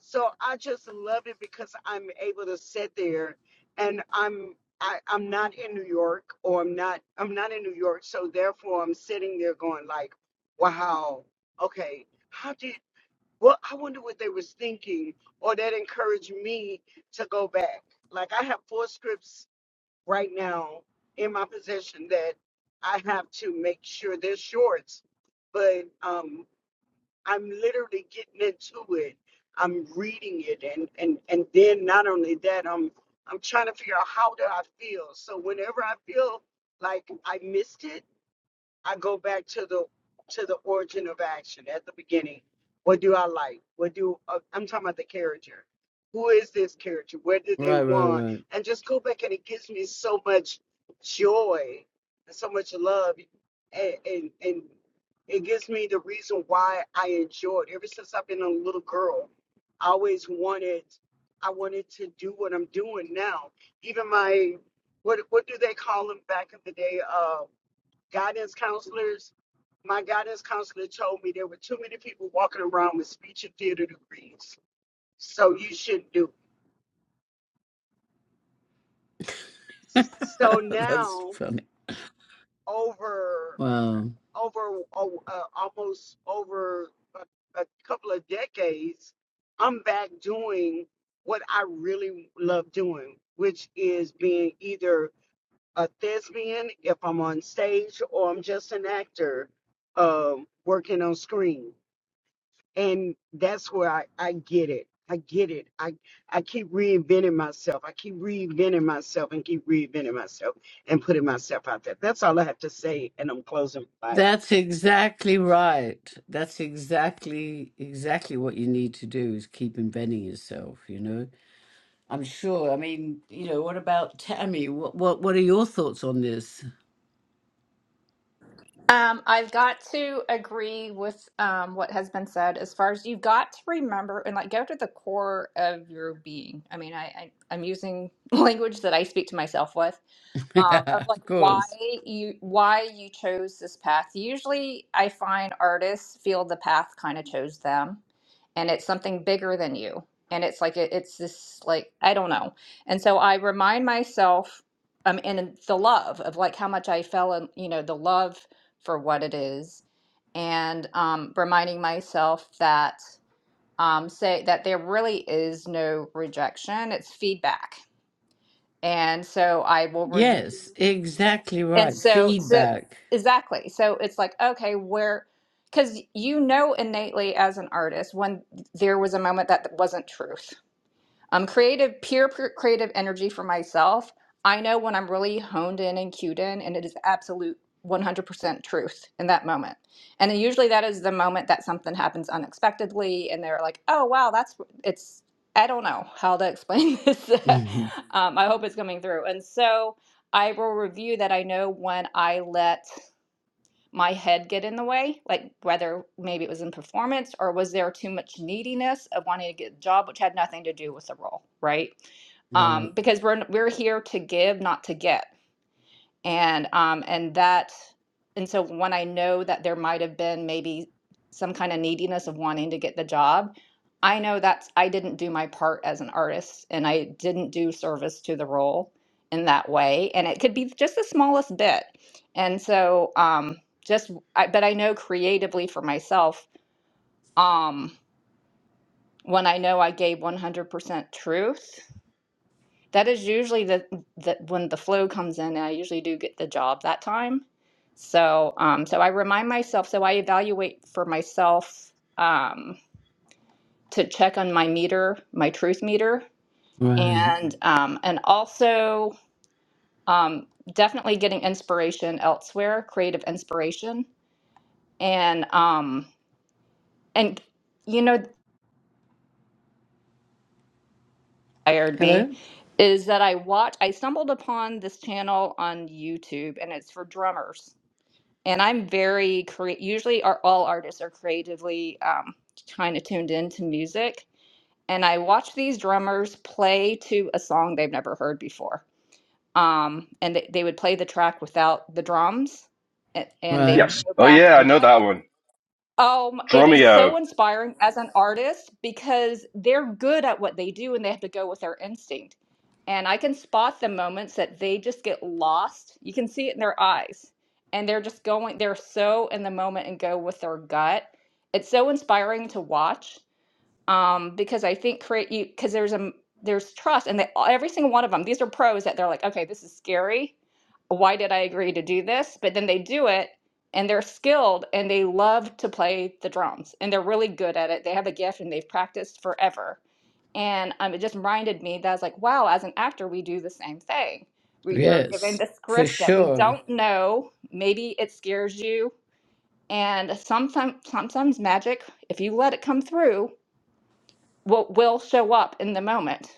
So I just love it because I'm able to sit there, and I'm I, I'm not in New York, or I'm not I'm not in New York, so therefore I'm sitting there going like, wow, okay. How did Well, I wonder what they was thinking, or that encouraged me to go back. Like I have four scripts right now in my possession that I have to make sure they're shorts, but um, I'm literally getting into it. I'm reading it, and and and then not only that, I'm I'm trying to figure out how do I feel. So whenever I feel like I missed it I go back to the to the origin of action at the beginning. What do I like? What do uh, I'm talking about the character? Who is this character? What do they Right, want? right, And just go back, and it gives me so much joy and so much love, and and, and it gives me the reason why I enjoyed. Ever since I've been a little girl, I always wanted. I wanted to do what I'm doing now. Even my what what do they call them back in the day? Uh, guidance counselors. My guidance counselor told me there were too many people walking around with speech and theater degrees, so you shouldn't do it. right. So That's now, funny. over Wow. over oh, uh, almost over a, a couple of decades, I'm back doing what I really love doing, which is being either a thespian if I'm on stage or I'm just an actor um, working on screen. and that's where I, I get it. I get it. I I keep reinventing myself. I keep reinventing myself and keep reinventing myself and putting myself out there. That's all I have to say, and I'm closing. Bye. That's exactly right. That's exactly exactly what you need to do is keep inventing yourself, you know. I'm sure. I mean, you know, what about Tammy? What what what are your thoughts on this? Um, I've got to agree with um, what has been said as far as you've got to remember and like go to the core of your being. I mean, I, I I'm using language that I speak to myself with um, of like of why course. you why you chose this path. Usually, I find artists feel the path kind of chose them, and it's something bigger than you. And it's like it, it's this like I don't know. And so I remind myself, um, and the love of like how much I fell in, you know, the love for what it is, and um, reminding myself that um, say that there really is no rejection; it's feedback and so I will review. Yes, exactly And right. so, so Feedback. exactly. So it's like, okay, where, because you know innately as an artist when there was a moment that wasn't true. Um, creative, pure, pure creative energy for myself. I know when I'm really honed in and cued in, and it is absolute 100% truth in that moment. And then usually that is the moment that something happens unexpectedly, and they're like, "Oh wow, that's it's." I don't know how to explain this. right. um, I hope it's coming through. And so I will review that. I know when I let my head get in the way like whether maybe it was in performance or was there too much neediness of wanting to get a job which had nothing to do with the role right um, because we're we're here to give not to get and um and that and so when i know that there might have been maybe some kind of neediness of wanting to get the job i know that's i didn't do my part as an artist and i didn't do service to the role in that way and it could be just the smallest bit and so um just I, but i know creatively for myself um when i know i gave 100% truth that is usually the that when the flow comes in, I usually do get the job that time. So um, so I remind myself. So I evaluate for myself um, to check on my meter, my truth meter, Right. and um, and also um, definitely getting inspiration elsewhere, creative inspiration, and um, and you know, what inspired me Hello? is that I watch. I stumbled upon this channel on YouTube, and it's for drummers and I'm very crea- usually are all artists are creatively um, kind of tuned into music, and I watch these drummers play to a song they've never heard before. Um, and they, they would play the track without the drums, and, and they would Right. Yes. go Oh back yeah, I and know play. that one. Um, it is Dromio. so inspiring as an artist because they're good at what they do and they have to go with their instinct. And I can spot the moments that they just get lost. You can see it in their eyes. And they're just going, they're so in the moment and go with their gut. It's so inspiring to watch um, because I think create you because there's a m- there's trust and they, every single one of them these are pros that they're like okay this is scary why did I agree to do this but then they do it and they're skilled and they love to play the drums and they're really good at it they have a gift and they've practiced forever and um, it just reminded me that I was like wow as an actor we do the same thing we, we're given Yes, the for script that we sure. don't know maybe it scares you and sometimes sometimes magic if you let it come through what will show up in the moment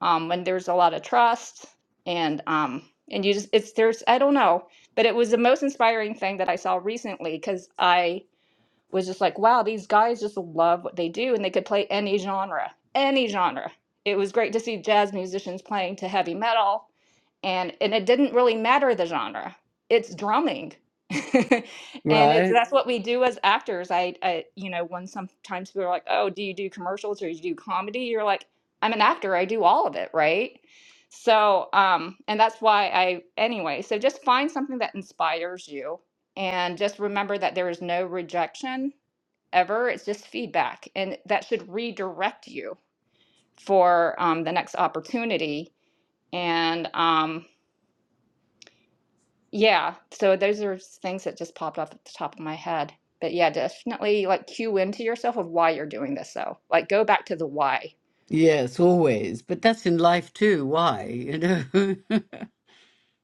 um, when there's a lot of trust and um, and you just it's there's I don't know, but it was the most inspiring thing that I saw recently because I was just like, wow, these guys just love what they do and they could play any genre, any genre. It was great to see jazz musicians playing to heavy metal and and it didn't really matter the genre it's drumming and it's Right? that's what we do as actors I, I you know when sometimes people are like oh do you do commercials or do you do comedy you're like i'm an actor i do all of it right so um and that's why i anyway so just find something that inspires you and just remember that there is no rejection ever it's just feedback and that should redirect you for um, the next opportunity and um, Yeah, so those are things that just popped up at the top of my head. But yeah, definitely like cue into yourself of why you're doing this though. Like go back to the why. Yes, always. But that's in life too. Why? You know?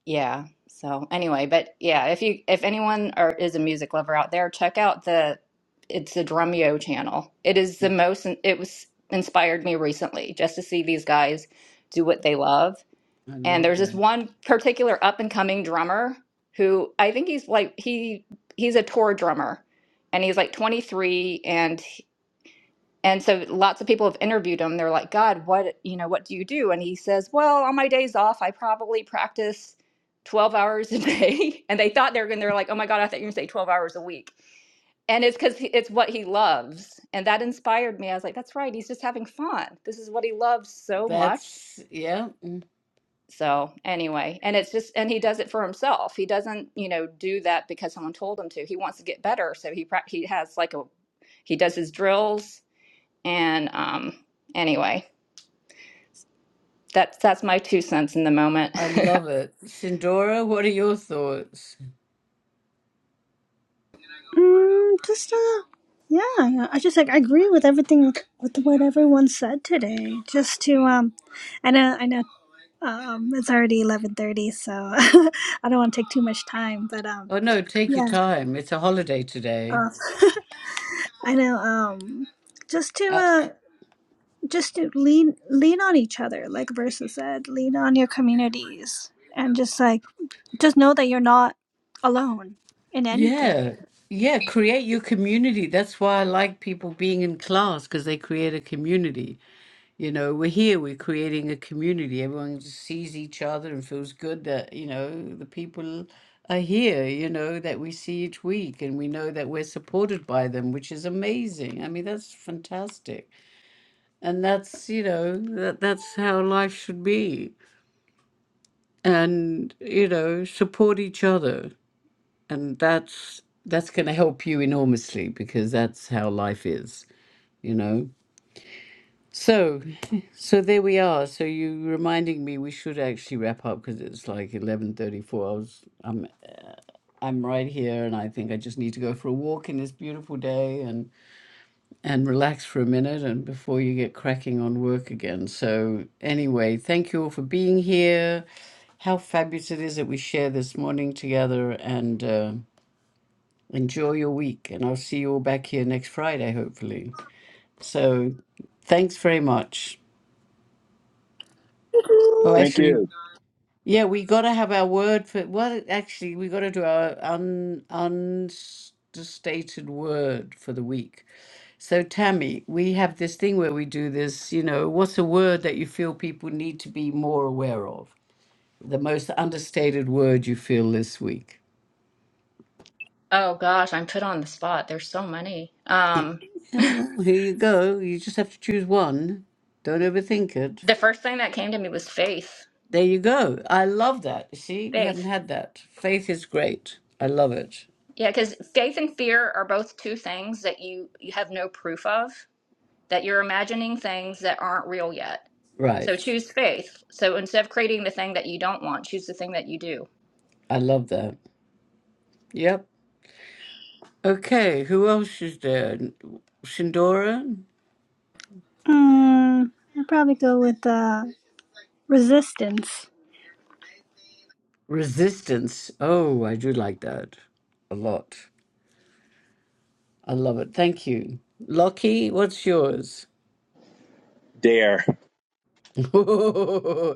Yeah. So anyway, but yeah, if you if anyone or is a music lover out there, check out the it's the Drumeo channel. It is the most it was inspired me recently just to see these guys do what they love I and love there's this that. one particular up and coming drummer who I think he's like he he's a tour drummer and he's like 23 and and so lots of people have interviewed him they're like god what you know what do you do and he says well on my days off I probably practice 12 hours a day and they thought they are going they're like oh my god I thought you were going to say 12 hours a week and it's because it's what he loves and that inspired me I was like that's right he's just having fun this is what he loves so much that's, yeah, mm, so anyway, and it's just, and he does it for himself. He doesn't, you know, do that because someone told him to. He wants to get better, so he prac- he has like a he does his drills, and um, anyway, that's that's my two cents in the moment. I love it. Sindora, what are your thoughts? Mm, just uh, yeah, yeah, I just like I agree with everything with what everyone said today. Just to um, I know I know um, it's already eleven thirty, so I don't want to take too much time, but um, Oh, no, take your yeah. time. It's a holiday today. Uh, I know. Um, just to Uh, uh, just to lean lean on each other, like Versa said, lean on your communities, and just like just know that you're not alone in anything. yeah. Yeah, create your community. That's why I like people being in class because they create a community. You know, we're here, we're creating a community. Everyone just sees each other and feels good that, you know, the people are here, you know, that we see each week and we know that we're supported by them, which is amazing. I mean, that's fantastic. And that's, you know, that, that's how life should be. And, you know, support each other. And that's that's going to help you enormously because that's how life is, you know. So, so there we are. So you reminding me we should actually wrap up because it's like eleven thirty-four. I was, I'm, I'm right here, and I think I just need to go for a walk in this beautiful day and and relax for a minute, and before you get cracking on work again. So anyway, thank you all for being here. How fabulous it is that we share this morning together, and uh, enjoy your week. And I'll see you all back here next Friday, hopefully. So, thanks very much. Oh, actually. Yeah, we got to have our word for well, actually, we got to do our un unstated word for the week. So, Tammy, we have this thing where we do this, you know, what's a word that you feel people need to be more aware of? The most understated word you feel this week? oh gosh, I'm put on the spot. There's so many. Yeah. Um, Yeah, well, here you go. You just have to choose one. Don't overthink it. the first thing that came to me was faith. There you go. I love that. You see, we haven't Faith, had that. Faith is great. I love it. yeah, because faith and fear are both two things that you you have no proof of. that you're imagining things that aren't real yet. So Right. choose faith. So instead of creating the thing that you don't want, choose the thing that you do. I love that. Yep. Okay, who else is there? Shindora? Mm, I'd probably go with uh, resistance. Resistance. Oh, I do like that a lot. I love it. Thank you. Lockie, what's yours? you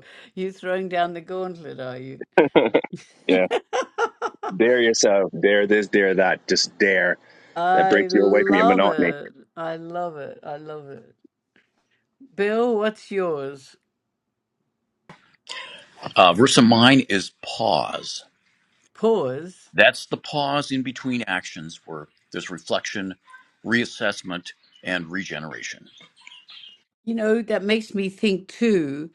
throwing down the gauntlet, are you? Yeah. Dare yourself. Dare this, dare that. Just dare. That I breaks you away from your love monotony. it. I love it. I love it. Bill, what's yours? Uh, verse of mine is pause. Pause. That's the pause in between actions where there's reflection, reassessment, and regeneration. You know, that makes me think too.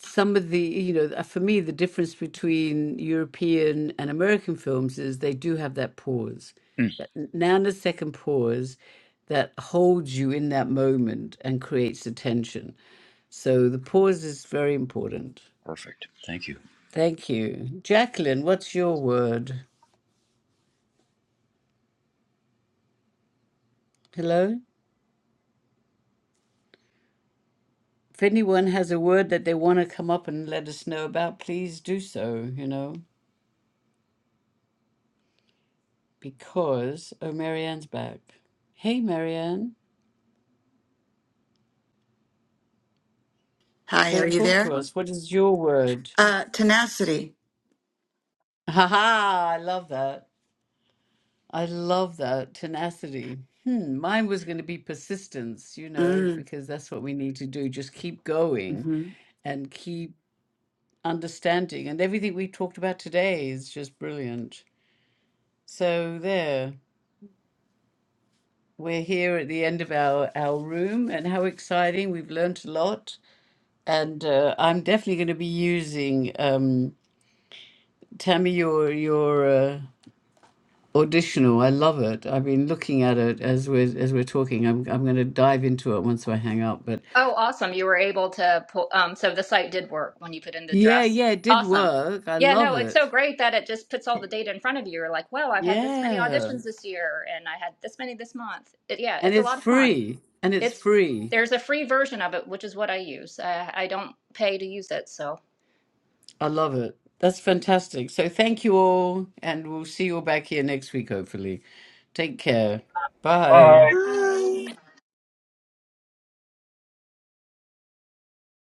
some of the you know uh, for me the difference between european and american films is they do have that pause Mm, that nanosecond pause that holds you in that moment and creates the tension so the pause is very important perfect. Thank you. thank you jacqueline what's your word hello if anyone has a word that they want to come up and let us know about please do so you know because oh marianne's back hey marianne Hi, So are you talk there? to us. What is your word? Uh tenacity. Ha ha! I love that. I love that tenacity. Hmm, mine was going to be persistence, you know, Mm. because that's what we need to do. Just keep going and keep understanding. And everything we talked about today is just brilliant. So there, we're here at the end of our our room, and how exciting! We've learnt a lot, and uh, I'm definitely going to be using um, Tammy your your. uh, Auditional, I love it. I've been looking at it as we're as we're talking. I'm I'm going to dive into it once I hang up. But Oh, awesome. You were able to pull, um, so the site did work when you put in the yeah, dress. yeah, it did Awesome. work. I Yeah, love no, it's it. so great that it just puts all the data in front of you. You're like, well, I've had this many Yeah, auditions this year and I had this many this month. It, yeah, and it's a it's lot of fun. free, and it's It's, free. there's a free version of it, which is what I use. I, I don't pay to use it. So, I love it. That's fantastic. So thank you all, and we'll see you all back here next week, hopefully. Take care. Bye. Bye. Um, Hi.